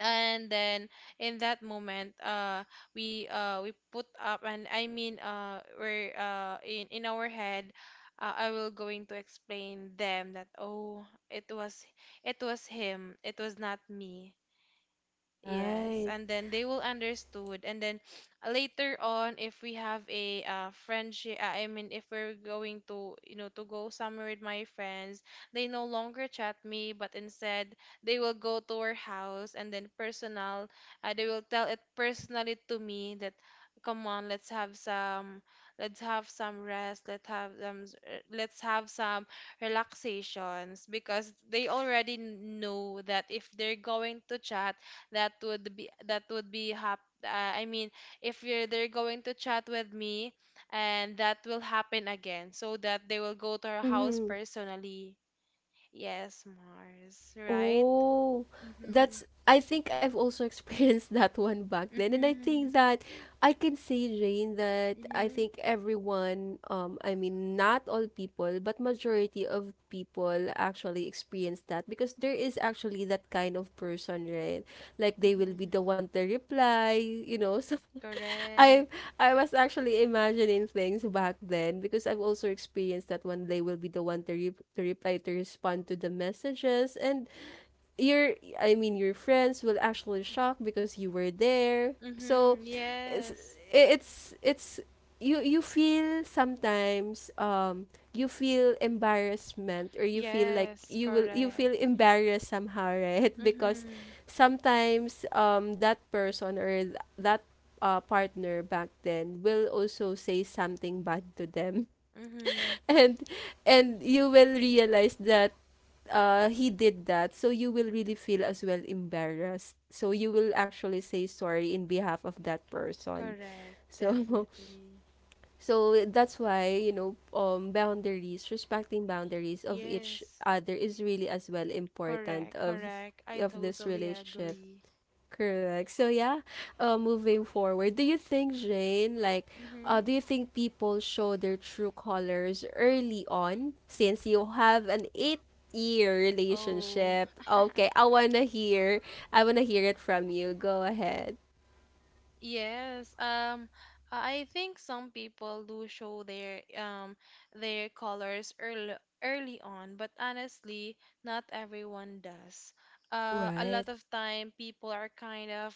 Speaker 2: then in that moment, we put up, and I mean, we're in our head, I will going to explain them that, "Oh, it was him, it was not me." Yes,
Speaker 1: Right.
Speaker 2: and then they will understood. And then *sniffs* later on, if we have a, friendship, I mean, if we're going to, you know, to go somewhere with my friends, they no longer chat me, but instead they will go to our house, and then personal, they will tell it personally to me that, come on, let's have some rest, let's have some, let's have some relaxations, because they already know that if they're going to chat, that would be, that would be hap uh, I mean, if you're they're going to chat with me, and that will happen again, so that they will go to her house
Speaker 1: Mm-hmm.
Speaker 2: personally. Yes, Mars, right?
Speaker 1: Oh,
Speaker 2: Mhm.
Speaker 1: that's, I think I've also experienced *laughs* that one back then, and I
Speaker 2: Mhm.
Speaker 1: think that I can say, Jane, that I
Speaker 2: Mhm.
Speaker 1: think everyone, I mean, not all people, but majority of people actually experience that, because there is actually that kind of person, right? Like they will be
Speaker 2: Mhm.
Speaker 1: the one to reply, you know. *laughs* So I
Speaker 2: Correct.
Speaker 1: I was actually imagining things back then because I've also experienced that one. They will be the one to, to reply, to respond to the messages, and your I mean your friends will actually shock because you were there. So
Speaker 2: Mhm.
Speaker 1: it's
Speaker 2: Yes.
Speaker 1: it's, you feel sometimes you feel embarrassment, or you feel like
Speaker 2: Yes,
Speaker 1: you will, you feel
Speaker 2: correct.
Speaker 1: embarrassed somehow, right? *laughs* Because
Speaker 2: Mhm.
Speaker 1: sometimes that person or that, partner back then will also say something bad to them,
Speaker 2: Mhm.
Speaker 1: *laughs* and and you will realize that he did that, so you will really feel as well embarrassed. So you will actually say sorry in behalf of that person. *laughs*
Speaker 2: Correct.
Speaker 1: So,
Speaker 2: Definitely.
Speaker 1: so that's why you know, boundaries, respecting boundaries of each
Speaker 2: Yes.
Speaker 1: other is really as well important
Speaker 2: Correct. Correct. I
Speaker 1: of this
Speaker 2: totally
Speaker 1: relationship.
Speaker 2: agree.
Speaker 1: Correct. So yeah, moving forward, do you think, Jane, like,
Speaker 2: Mhm.
Speaker 1: do you think people show their true colors early on? Since you have an eight-year
Speaker 2: Oh,
Speaker 1: relationship, okay,
Speaker 2: *laughs*
Speaker 1: I wanna hear it from you. Go ahead.
Speaker 2: yes. I think some people do show their colors early on, but honestly, not everyone does. A
Speaker 1: Right.
Speaker 2: lot of time people are kind of,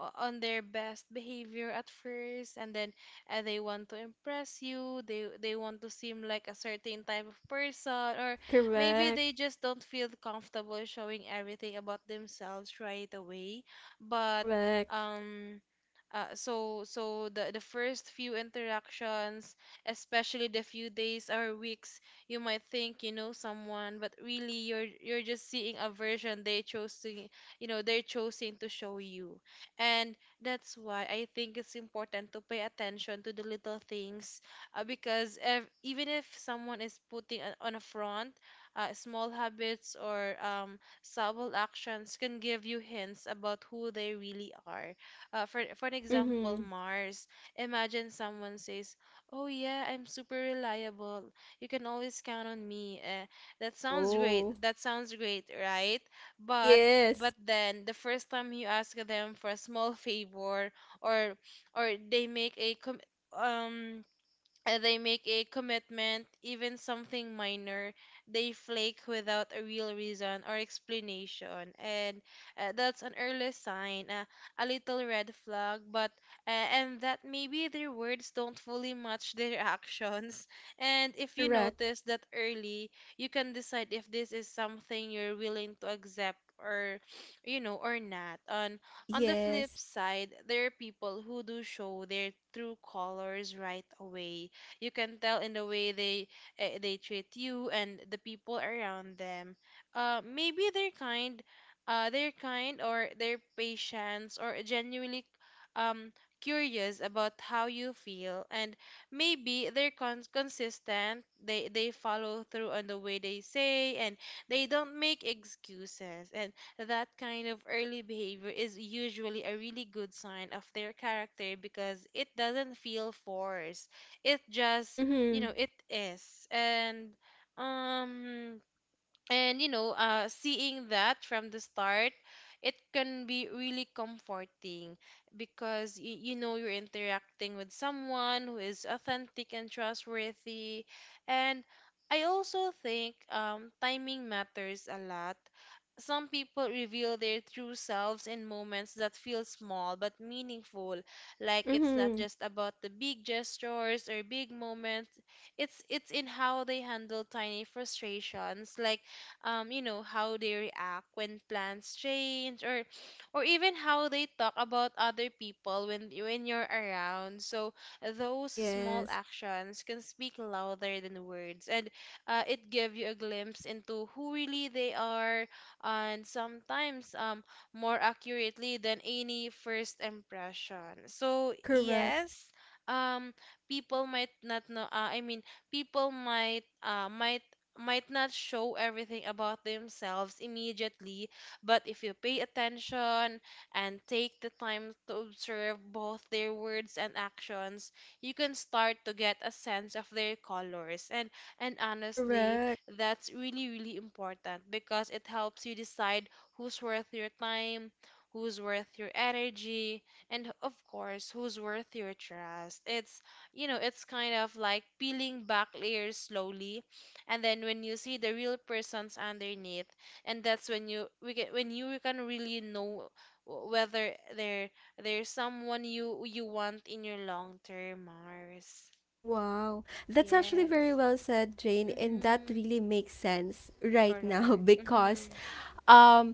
Speaker 2: on their best behavior at first. And then, they want to impress you, they want to seem like a certain type of person, or maybe
Speaker 1: Correct.
Speaker 2: they just don't feel comfortable showing everything about themselves right away. But
Speaker 1: Correct.
Speaker 2: um so the first few interactions, especially the few days or weeks, you might think you know someone, but really you're just seeing a version they chose to, you know, they're choosing to show you. And that's why I think it's important to pay attention to the little things, because ev even if someone is putting a, on a front, small habits or, subtle actions can give you hints about who they really are, for an example,
Speaker 1: Mm-hmm.
Speaker 2: Mars. Imagine someone says, "Oh yeah, I'm super reliable. You can always count on me." That sounds great.
Speaker 1: Oh.
Speaker 2: That sounds great, right? But
Speaker 1: Yes.
Speaker 2: then the first time you ask them for a small favor, or they make a, um they make a commitment, even something minor, they flake without a real reason or explanation. And, that's an early sign, a little red flag, but, and that maybe their words don't fully match their *laughs* actions. And if you
Speaker 1: Correct.
Speaker 2: notice that early, you can decide if this is something you're willing to accept, or *sniffs* you know, or not. On the flip
Speaker 1: Yes.
Speaker 2: side, there are people who do show their true colors right away. You can tell in the way they, they treat you and the people around them. Maybe they're kind, they're kind, or their patience, or genuinely, um curious about how you feel. And maybe they're, consistent, they follow through on the way they say, and they don't make excuses. And that kind of early behavior is usually a really good sign of their character, because it doesn't feel forced, it just, you
Speaker 1: Mm-hmm.
Speaker 2: know, it is. And, um you know, seeing that from the start, it can be really comforting because, you know, you're interacting with someone who is authentic and trustworthy. And I also think, timing matters a lot. Some people reveal their true selves in moments that feel small but meaningful, like it's not
Speaker 1: Mm-hmm.
Speaker 2: just about the big gestures or big moments, it's in how they handle tiny frustrations, like, you know, how they react when plans change, or even how they talk about other people when you're around. So those small
Speaker 1: Yes.
Speaker 2: actions can speak louder than words, and, it give you a glimpse into who really they are, and sometimes, more accurately than any first impression. So
Speaker 1: Correct.
Speaker 2: yes, um people might not know, I mean, people might not show everything about themselves immediately, but if you pay attention and take the time to observe both their words and actions, you can start to get a sense of their colors. And honestly,
Speaker 1: Correct.
Speaker 2: that's really really important because it helps you decide who's worth your time, who's worth your energy, and of course, who's worth your trust. It's, you know, it's kind of like peeling back layers slowly, and then when you see the real persons underneath, and that's when you can really know, whether they're, they someone you want in your long term, Mars.
Speaker 1: Wow. That's actually very
Speaker 2: Yes,
Speaker 1: well said, Jane, and that
Speaker 2: mm-hmm.
Speaker 1: really makes sense right now *laughs*
Speaker 2: Correct,
Speaker 1: because
Speaker 2: mm-hmm.
Speaker 1: um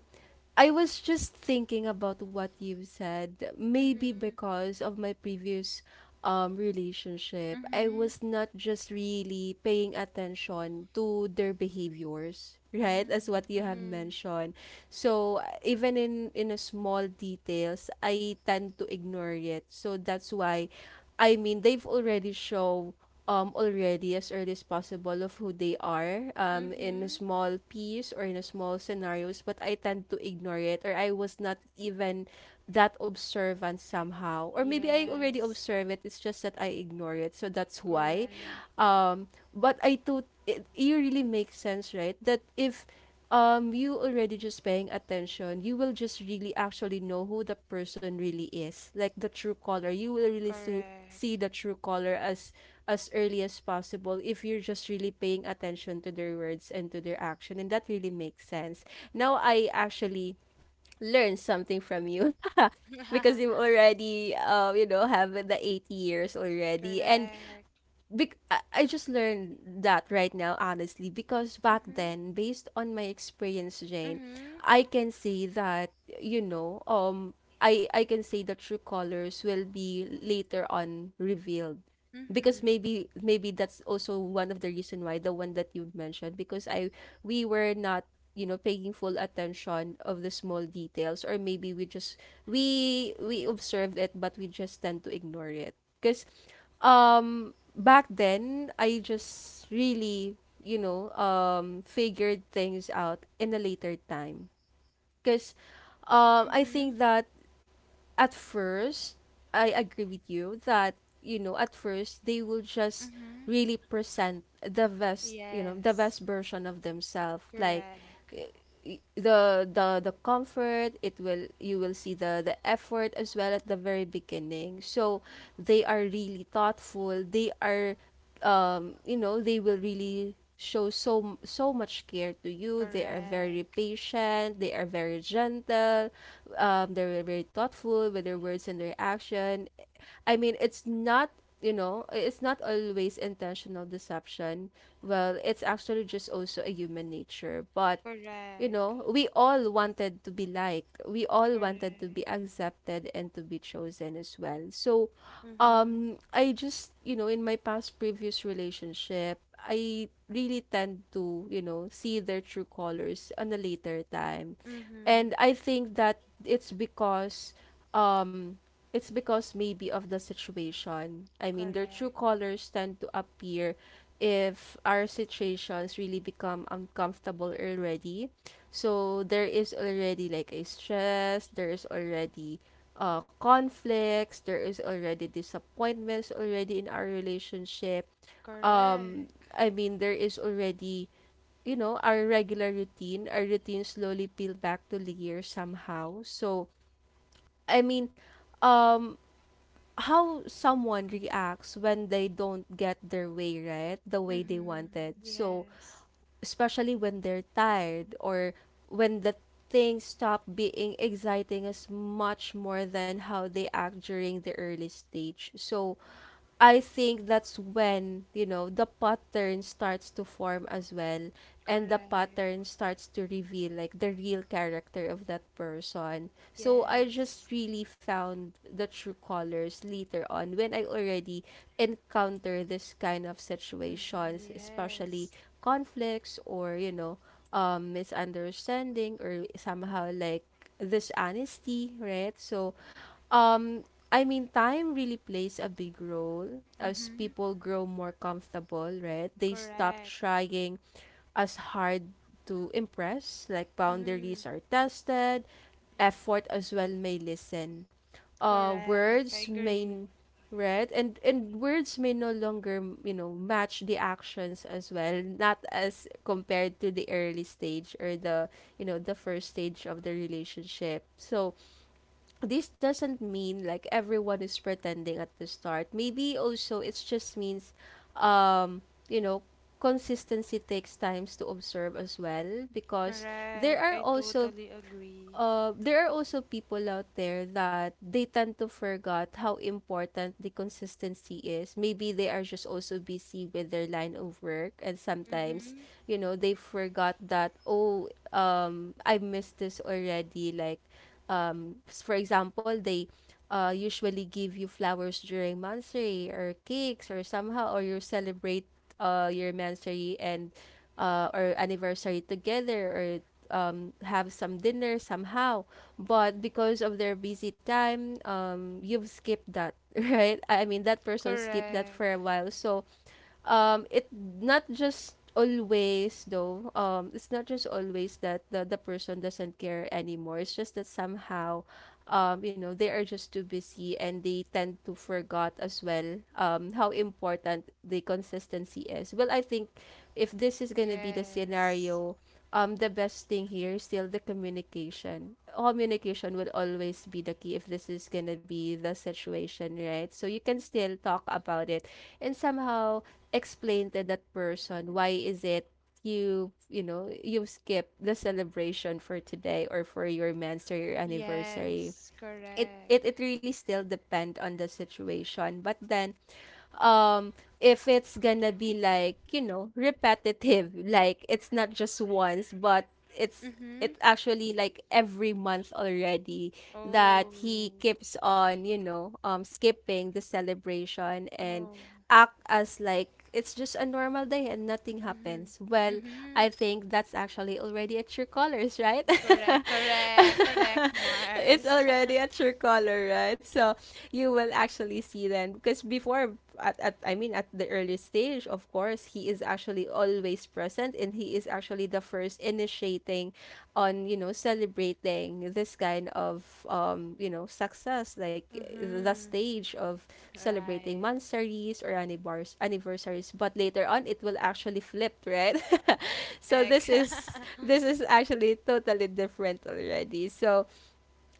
Speaker 1: I was just thinking about what you said. Maybe
Speaker 2: Mm-hmm.
Speaker 1: because of my previous relationship, I
Speaker 2: Mhm.
Speaker 1: was not just really paying attention to their behaviors, *laughs* right? As
Speaker 2: Mm.
Speaker 1: what you have
Speaker 2: Mm-hmm.
Speaker 1: mentioned. So even in a small details, I tend to ignore it. So that's why they've already shown already as early as possible of who they are, in a
Speaker 2: Mm-hmm.
Speaker 1: small piece or in a small scenarios, but I tend to ignore it, or I was not even that observant somehow, or maybe I already
Speaker 2: Yes.
Speaker 1: observe it, it's just that I ignore it. So that's why
Speaker 2: Correct.
Speaker 1: um, but I thought it really makes sense, right? That if you already just paying attention, you will just really actually know who the person really is, like the true color. You will really so see
Speaker 2: Correct.
Speaker 1: the true color as early as possible if you're just really paying attention to their words and to their action, and that really makes sense. Now I actually learned something from you. *laughs* Because you
Speaker 2: *laughs*
Speaker 1: already you know have the 80 years already and
Speaker 2: Correct.
Speaker 1: I just learned that right now, honestly, because back
Speaker 2: Mm-hmm.
Speaker 1: then, based on my experience, Jane,
Speaker 2: Mm-hmm.
Speaker 1: I can say that, you know, I can say the true colors will be later on revealed. Because
Speaker 2: Mhm.
Speaker 1: maybe that's also one of the reason why the one that you mentioned, because I we were not, you know, paying full attention of the small details, or maybe we just we observed it but we just tend to ignore it. Because back then, I just really, you know, figured things out in a later time. Because I
Speaker 2: Mm-hmm.
Speaker 1: think that at first, I agree with you that, you know, at first they will just
Speaker 2: Mhm.
Speaker 1: really present the best, you know, the
Speaker 2: Yes.
Speaker 1: best version of themselves. Like
Speaker 2: Correct.
Speaker 1: y- the comfort, it will you will see the effort as well at the very beginning. So they are really thoughtful. They are you know, they will really show so much care to you. They are very
Speaker 2: Correct.
Speaker 1: patient. They are very gentle. They're very thoughtful with their words and their action. I mean, it's not, you know, it's not always intentional deception. Well, it's actually just also a human nature, but you
Speaker 2: Correct.
Speaker 1: know, we all wanted to be liked. We all wanted to
Speaker 2: Correct.
Speaker 1: be accepted and to be chosen as well. So,
Speaker 2: Mhm.
Speaker 1: I just, you know, in my past previous relationship, I really tend to, you know, see their true colors on a later time.
Speaker 2: Mhm.
Speaker 1: And I think that it's because um it's because maybe of the situation. I mean their true
Speaker 2: Correct.
Speaker 1: colors tend to appear if our situations really become uncomfortable already, so there is already like a stress, there is already conflicts, there is already disappointments already in our relationship. Um,
Speaker 2: Correct.
Speaker 1: I mean, there is already, you know, our regular routine. Our routine slowly peel back to layer somehow. So, I mean, um, how someone reacts when they don't get their way, right? The way they
Speaker 2: Mhm.
Speaker 1: wanted. So,
Speaker 2: Yes.
Speaker 1: especially when they're tired, or when the things stop being exciting as much more than how they act during the early stage. So I think that's when, you know, the pattern starts to form as well. And the
Speaker 2: Correct.
Speaker 1: pattern starts to reveal like the real character of that person. So I
Speaker 2: Yes.
Speaker 1: just really found the true colors later on when I already encounter this kind of
Speaker 2: Mhm.
Speaker 1: situations, especially
Speaker 2: Yes.
Speaker 1: conflicts or, you know, misunderstanding, or somehow like dishonesty, right? So um, I mean, time really plays a big role as
Speaker 2: Mhm.
Speaker 1: people grow more comfortable, right? They stop
Speaker 2: Correct.
Speaker 1: trying as hard to impress, like
Speaker 2: Mhm.
Speaker 1: boundaries are tested, effort as well may listen.
Speaker 2: Correct. I
Speaker 1: Words
Speaker 2: agree.
Speaker 1: may, right? And words may no longer, you know, match the actions as well, not as compared to the early stage or the, you know, the first stage of the relationship. So, this doesn't mean like everyone is pretending at the start. Maybe also it just means um you know consistency takes times to observe as well, because there
Speaker 2: Correct.
Speaker 1: are
Speaker 2: I
Speaker 1: also
Speaker 2: totally agree.
Speaker 1: there are also people out there that they tend to forget how important the consistency is. Maybe they are just also busy with their line of work, and sometimes,
Speaker 2: Mhm.
Speaker 1: you know, they forgot that, oh, I missed this already. Like, for example, they usually give you flowers during Mansory or cakes or somehow, or you celebrate your Mansory and or anniversary together, or have some dinner somehow. But because of their busy time, you've skipped that, *laughs* right? I mean, that person skipped that for
Speaker 2: Correct.
Speaker 1: a while. So it not just always though, it's not just always that the person doesn't care anymore, it's just that somehow you know they are just too busy and they tend to forgot as well how important the consistency is. Well I think if this is going to be the
Speaker 2: Yes.
Speaker 1: scenario, the best thing here is still the communication. Communication will always be the key if this is gonna be the situation, right? So you can still talk about it, and somehow explain to that person why is it you, you know, you skip the celebration for today or for your man's or your anniversary.
Speaker 2: Yes.
Speaker 1: it, it
Speaker 2: Correct.
Speaker 1: it really still depend on the situation, but then um if it's gonna be like, you know, repetitive, like it's not just once but it's
Speaker 2: Mhm.
Speaker 1: it's actually like every month already that
Speaker 2: Oh.
Speaker 1: he keeps on, you know, skipping the celebration and
Speaker 2: Oh.
Speaker 1: act as like it's just a normal day and nothing
Speaker 2: Mm-hmm.
Speaker 1: happens. Well I
Speaker 2: Mm-hmm.
Speaker 1: think that's actually already at your colors, right?
Speaker 2: Correct, correct,
Speaker 1: *laughs*
Speaker 2: correct,
Speaker 1: It's
Speaker 2: Mars.
Speaker 1: already
Speaker 2: *laughs*
Speaker 1: at your color, right? So you will actually see then, because before at I mean at the early stage, of course, he is actually always present and he is actually the first initiating on, you know, celebrating this kind of you know, success, like the
Speaker 2: Mm-hmm.
Speaker 1: stage of celebrating
Speaker 2: Right.
Speaker 1: monsteries or anniversaries. But later on it will actually flip, right? *laughs* So this
Speaker 2: Correct. *laughs*
Speaker 1: is this is actually totally different already. So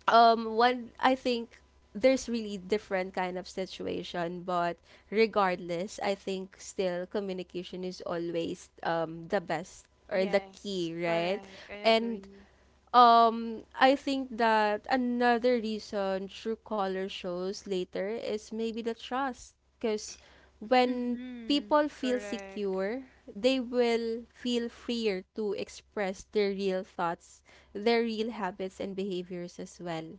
Speaker 1: one I think there's really different kind of situation, but regardless I think still communication is always the best or the
Speaker 2: Yes,
Speaker 1: key, right?
Speaker 2: correct. I
Speaker 1: And
Speaker 2: agree.
Speaker 1: I think that another reason true color shows later is maybe the trust, because when
Speaker 2: Mm-hmm.
Speaker 1: people feel
Speaker 2: Correct.
Speaker 1: secure they will feel freer to express their real thoughts, their real habits and behaviors as well.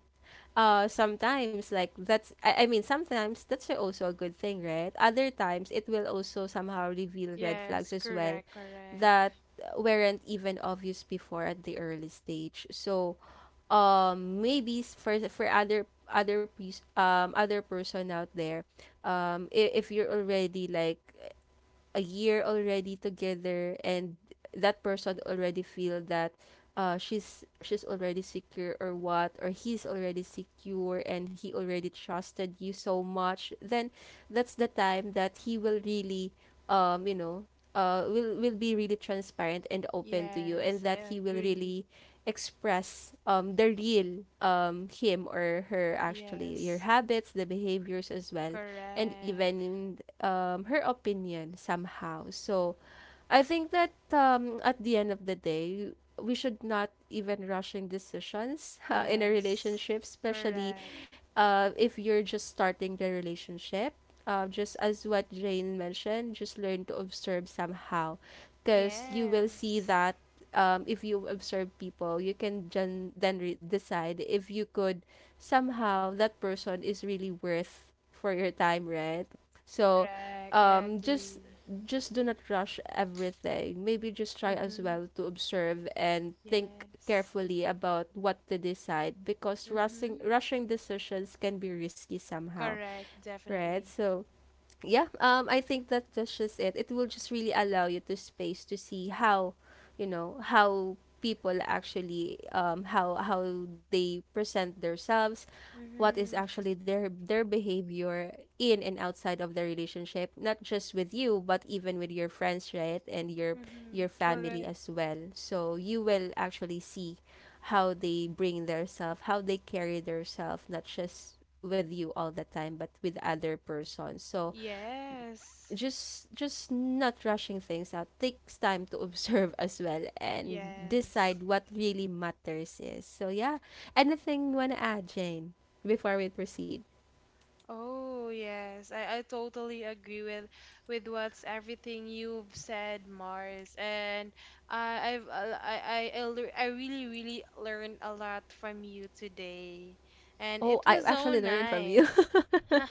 Speaker 1: Sometimes like that's I mean sometimes that's also a good thing, right? Other times it will also somehow reveal red flags
Speaker 2: Yes,
Speaker 1: as well
Speaker 2: correct, correct.
Speaker 1: that weren't even obvious before at the early stage. So maybe for other other piece other person out there, if you're already like a year already together, and that person already feel that she's already secure or what, or he's already secure and he already trusted you so much, then that's the time that he will really you know will be really transparent and open to you, and
Speaker 2: Yes, I
Speaker 1: that he will
Speaker 2: agree.
Speaker 1: really express the real him or her, actually your
Speaker 2: Yes,
Speaker 1: habits the behaviors as well, and
Speaker 2: correct.
Speaker 1: even her opinion somehow. So I think that at the end of the day, we should not even rushing decisions *laughs* in a
Speaker 2: Yes,
Speaker 1: relationship, especially
Speaker 2: correct.
Speaker 1: if you're just starting the relationship. Just as what Jane mentioned, just learn to observe somehow, because you will see
Speaker 2: Yes,
Speaker 1: that if you observe people, you can decide if you could somehow that person is really worth for your time, right? So,
Speaker 2: correct. I
Speaker 1: um, just
Speaker 2: agree.
Speaker 1: just do not rush everything. Maybe just try as
Speaker 2: Mm-hmm.
Speaker 1: well to observe and think
Speaker 2: Yes.
Speaker 1: carefully about what to decide, because rushing
Speaker 2: Mm-hmm.
Speaker 1: rushing decisions can be risky somehow,
Speaker 2: Correct,
Speaker 1: right?
Speaker 2: definitely.
Speaker 1: So, yeah, I think that that's just it. It will just really allow you to space to see how, you know, how people actually how they present themselves, what is
Speaker 2: Mm-hmm.
Speaker 1: actually their behavior in and outside of the relationship, not just with you but even with your friends, right, and your
Speaker 2: Mm-hmm.
Speaker 1: family
Speaker 2: Correct.
Speaker 1: as well. So you will actually see how they bring themselves, how they carry themselves, not just with you all the time but with other persons. So
Speaker 2: Yes.
Speaker 1: just not rushing things out, takes time to *laughs* observe as well and
Speaker 2: Yes.
Speaker 1: decide what really matters is. So yeah, anything you want to add, Jane, before we proceed?
Speaker 2: Oh, yes. I totally agree with what's everything you've said, Mars. And I I've I, lear- I really really learned a lot from you today. And
Speaker 1: Oh,
Speaker 2: it
Speaker 1: I
Speaker 2: was so
Speaker 1: actually learned from you.
Speaker 2: nice.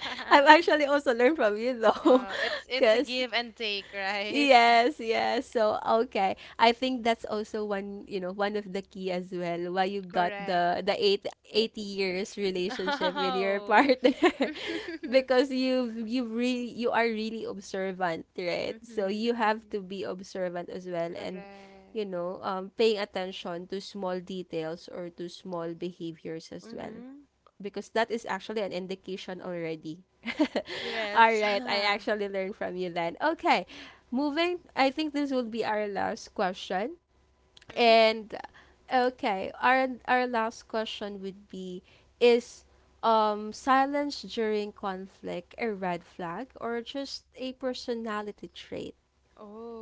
Speaker 1: *laughs* I've actually also learned from you though,
Speaker 2: Well,
Speaker 1: *laughs*
Speaker 2: it's a
Speaker 1: because
Speaker 2: give and take, right?
Speaker 1: yes, yes. So, okay. I think that's also one, you know, one of the key as well why you
Speaker 2: *laughs*
Speaker 1: got
Speaker 2: Correct.
Speaker 1: the eighty years
Speaker 2: *laughs*
Speaker 1: relationship with your
Speaker 2: Oh.
Speaker 1: partner *laughs*
Speaker 2: *laughs*
Speaker 1: because you really you are really observant, right? So
Speaker 2: Mm-hmm,
Speaker 1: you have
Speaker 2: mm-hmm.
Speaker 1: to be observant as well, and
Speaker 2: Correct.
Speaker 1: you know, paying attention to small details or to small behaviors as well,
Speaker 2: Mm-hmm.
Speaker 1: because that is actually an indication already. *laughs* All
Speaker 2: Yes.
Speaker 1: right, I
Speaker 2: *laughs*
Speaker 1: actually learned from you then. Okay, moving. I think this will be our last question.
Speaker 2: Mm-hmm.
Speaker 1: And okay, our last question would be: is silence during conflict a red flag or just a personality trait?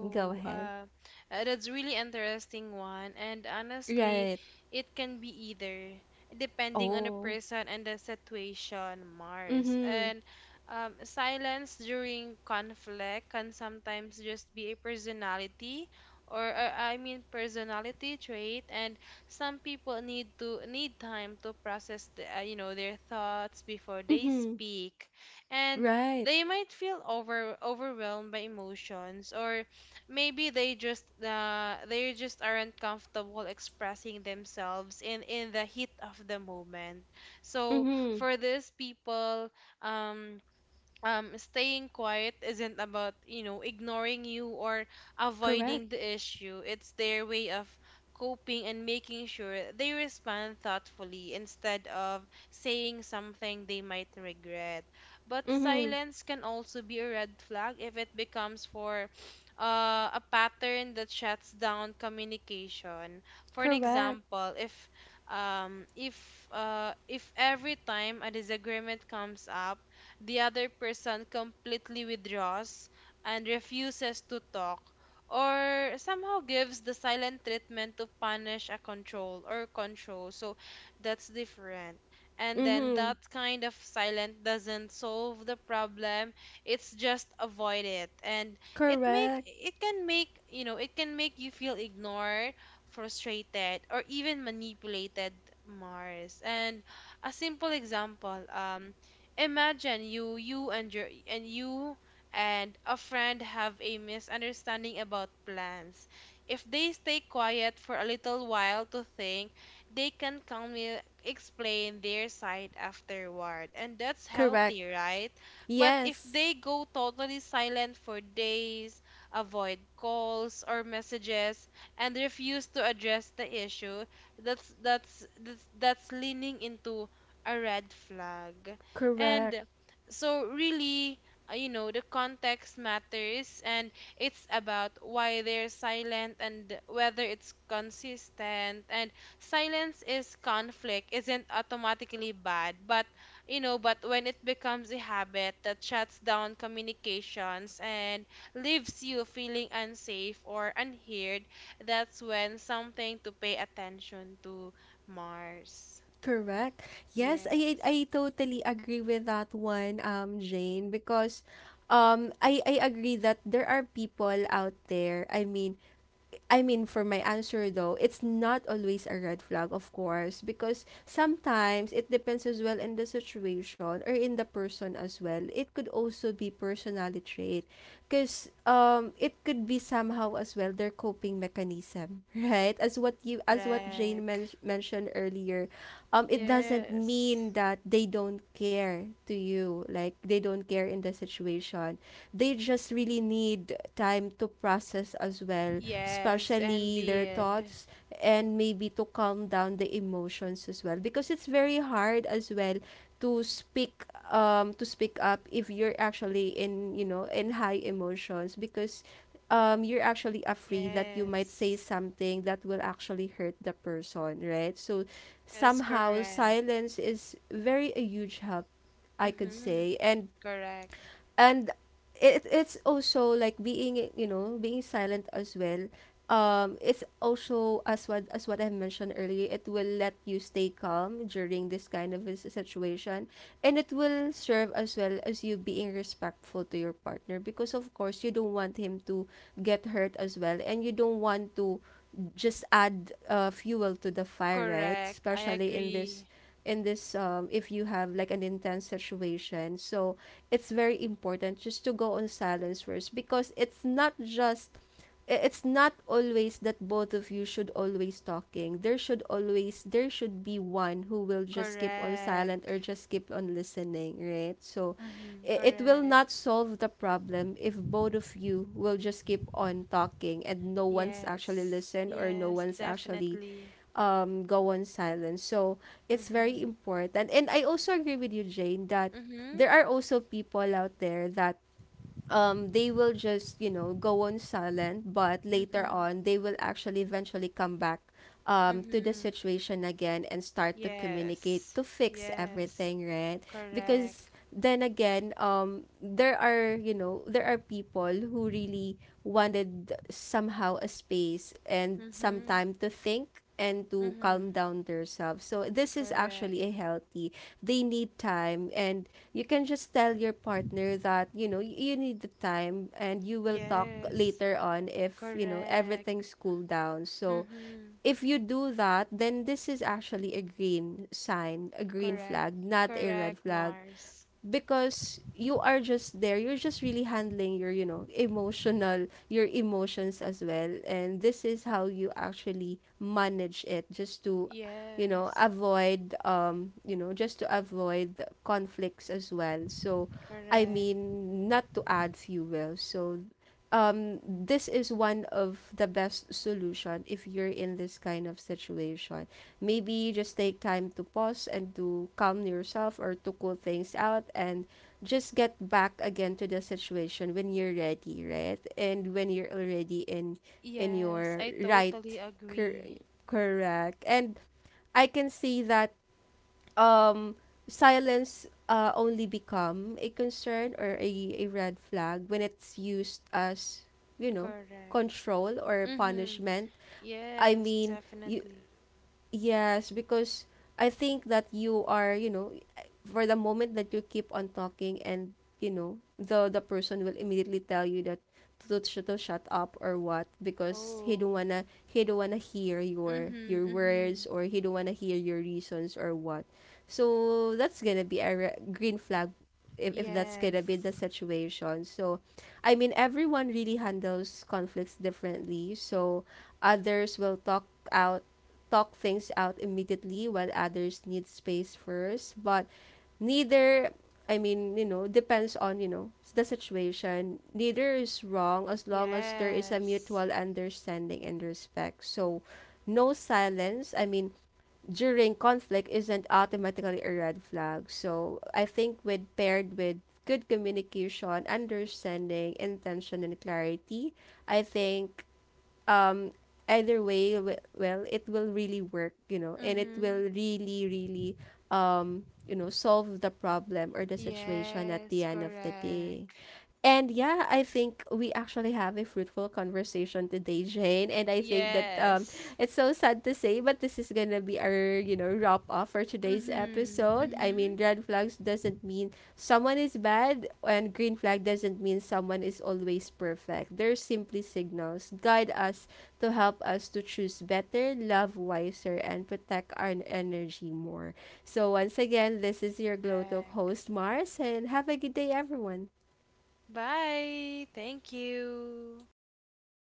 Speaker 1: Go ahead.
Speaker 2: that's really interesting one. And honestly,
Speaker 1: Right.
Speaker 2: it can be either, depending on the
Speaker 1: Oh.
Speaker 2: person and the situation, Mars.
Speaker 1: Mhm.
Speaker 2: And, silence during conflict can sometimes just be a personality, or, I mean, personality trait. And some people need time to process the, you know, their thoughts before they
Speaker 1: Mhm.
Speaker 2: speak. And
Speaker 1: Right.
Speaker 2: they might feel, overwhelmed by emotions, or maybe they just, they just aren't comfortable expressing themselves in the heat of the moment, so
Speaker 1: Mhm.
Speaker 2: for these people, um staying quiet isn't about, you know, ignoring you or
Speaker 1: Correct.
Speaker 2: avoiding the issue. It's their way of coping and making sure they respond thoughtfully instead of saying something they might regret. But
Speaker 1: Mhm.
Speaker 2: silence can also be a red flag if it becomes for, uh, a pattern that shuts down communication. For an
Speaker 1: Correct.
Speaker 2: example, if every time a disagreement comes up, the other person completely withdraws and refuses to talk, or somehow gives the silent treatment to punish a control or control. So that's different. And then
Speaker 1: Mm-hmm.
Speaker 2: that kind of silent doesn't solve the problem. It's just avoid it. And
Speaker 1: Correct.
Speaker 2: it can make, you know, it can make you feel ignored, frustrated, or even manipulated, Mars. And a simple example, imagine you and a friend have a misunderstanding about plans. If they stay quiet for a little while to think, they can calmly explain their side afterward, and that's
Speaker 1: Correct.
Speaker 2: healthy, right? But if
Speaker 1: Yes.
Speaker 2: they go totally silent for days, avoid calls or messages, and refuse to address the issue, that's leaning into a red flag.
Speaker 1: Correct.
Speaker 2: And so, really, you know, the context matters, and it's about why they're silent and whether it's consistent. And silence is conflict, isn't automatically bad, but, you know, but when it becomes a habit that shuts down communications and leaves you feeling unsafe or unheard, that's when something to pay attention to, Mars.
Speaker 1: Correct. Yes, I
Speaker 2: Yes,
Speaker 1: totally agree with that one, Jane, because I agree that there are people out there. I mean, for my answer though, it's not always a red flag, of course, because sometimes it depends as well in the situation or in the person as well. It could also be personality trait, because it could be somehow as well their coping mechanism, *laughs* right? As what you, as what Jane
Speaker 2: correct.
Speaker 1: mentioned earlier, it doesn't
Speaker 2: Yes.
Speaker 1: mean that they don't care to you, like they don't care in the situation. They just really need time to process as well,
Speaker 2: Yes,
Speaker 1: especially their
Speaker 2: indeed.
Speaker 1: thoughts, and maybe to calm down the emotions as well, because it's very hard as well to speak, to speak up if you're actually in, in high emotions, because you're actually afraid that you might say
Speaker 2: Yes.
Speaker 1: something that will actually hurt the person, right? So
Speaker 2: Yes,
Speaker 1: somehow
Speaker 2: correct.
Speaker 1: silence is very a huge help, I could
Speaker 2: Mm-hmm.
Speaker 1: say. and
Speaker 2: Correct.
Speaker 1: and it's also like being, being silent as well. It's also, as what I mentioned earlier, it will let you stay calm during this kind of a situation, and it will serve as well as you being respectful to your partner, because of course you don't want him to get hurt as well, and you don't want to just add fuel to the fire, right?
Speaker 2: Correct. I
Speaker 1: Especially in this,
Speaker 2: agree.
Speaker 1: in this, if you have like an intense situation. So it's very important just to go on silence first, because it's not just, it's not always that both of you should always talking. There should always, there should be one who will just keep on silent
Speaker 2: Correct.
Speaker 1: or just keep on listening, right? So
Speaker 2: Mm-hmm.
Speaker 1: it will
Speaker 2: Correct.
Speaker 1: not solve the problem if both of you will just keep on talking and no one's actually
Speaker 2: Yes.
Speaker 1: listen, or no
Speaker 2: Yes,
Speaker 1: one's actually,
Speaker 2: definitely.
Speaker 1: go on silent. So it's very
Speaker 2: Mm-hmm.
Speaker 1: important. And I also agree with you, Jane, that
Speaker 2: Mm-hmm.
Speaker 1: there are also people out there that, they will just, you know, go on silent, but later
Speaker 2: Mm-hmm.
Speaker 1: on they will actually eventually come back, to the
Speaker 2: Mm-hmm.
Speaker 1: situation again and start to communicate
Speaker 2: Yes.
Speaker 1: to fix
Speaker 2: Yes.
Speaker 1: everything, right?
Speaker 2: Correct.
Speaker 1: Because then again, there are, you know, there are people who really wanted somehow a space and some
Speaker 2: Mm-hmm.
Speaker 1: time to think and to calm
Speaker 2: Mm-hmm.
Speaker 1: down themselves. So this is actually
Speaker 2: Correct.
Speaker 1: a healthy, they need time, and you can just tell your partner that, you know, you need the time and you will talk
Speaker 2: Yes.
Speaker 1: later on if, you know,
Speaker 2: Correct.
Speaker 1: everything's cooled down. So
Speaker 2: Mm-hmm.
Speaker 1: if you do that, then this is actually a green sign, a green
Speaker 2: Correct.
Speaker 1: flag, not a
Speaker 2: Correct,
Speaker 1: red flag,
Speaker 2: Mars.
Speaker 1: because you are just there, you're just really handling your, you know, emotional, your emotions as well, and this is how you actually manage it, just to, you know,
Speaker 2: Yes.
Speaker 1: avoid, you know, just to avoid conflicts as well. So I
Speaker 2: Correct.
Speaker 1: mean, not to add fuel. So this is one of the best solution if you're in this kind of situation. Maybe just take time to pause and to calm yourself, or to cool things out, and just get back again to the situation when you're ready, right? And when you're already in
Speaker 2: Yes,
Speaker 1: your
Speaker 2: I
Speaker 1: right,
Speaker 2: totally
Speaker 1: cor-
Speaker 2: agree.
Speaker 1: correct. And I can see that um silence only become a concern or a red flag when it's used as, you know,
Speaker 2: Correct.
Speaker 1: control or
Speaker 2: Mm-hmm.
Speaker 1: punishment. I
Speaker 2: Yes,
Speaker 1: mean, you
Speaker 2: definitely.
Speaker 1: yes, because I think that you are, you know, for the moment that you keep on talking, and, you know, the person will immediately tell you that to, to shut up or what, because he
Speaker 2: Oh.
Speaker 1: don't wanna, he don't wanna hear your
Speaker 2: Mm-hmm.
Speaker 1: your
Speaker 2: Mm-hmm.
Speaker 1: words, or he don't wanna hear your reasons or what. So that's gonna be a green flag if that's gonna
Speaker 2: Yes.
Speaker 1: be the situation. So I mean, everyone really handles conflicts differently. So others will talk out, talk things out immediately, while others need space first. But neither, I mean, you know, depends on, you know, the situation. Neither is wrong as long as there is a
Speaker 2: Yes.
Speaker 1: mutual understanding and respect. So no silence, I mean, during conflict isn't automatically a red flag. So I think, with paired with good communication, understanding, intention, and clarity, I think um either way, well, it will really work, you know, and it
Speaker 2: Mm-hmm.
Speaker 1: will really really, you know, solve the problem or the situation at the
Speaker 2: Yes,
Speaker 1: end of the day.
Speaker 2: correct.
Speaker 1: And yeah, I think we actually have a fruitful conversation today, Jane. And I think that,
Speaker 2: Yes.
Speaker 1: it's so sad to say, but this is gonna be our, you know, wrap up for today's
Speaker 2: Mm-hmm.
Speaker 1: episode. I
Speaker 2: Mm-hmm.
Speaker 1: mean, red flags doesn't mean someone is bad, and green flag doesn't mean someone is always perfect. They're simply signals guide us to help us to choose better, love wiser, and protect our energy more. So once again, this is your Glow Talk
Speaker 2: Correct.
Speaker 1: host Mars, and have a good day, everyone.
Speaker 2: Bye. Thank you.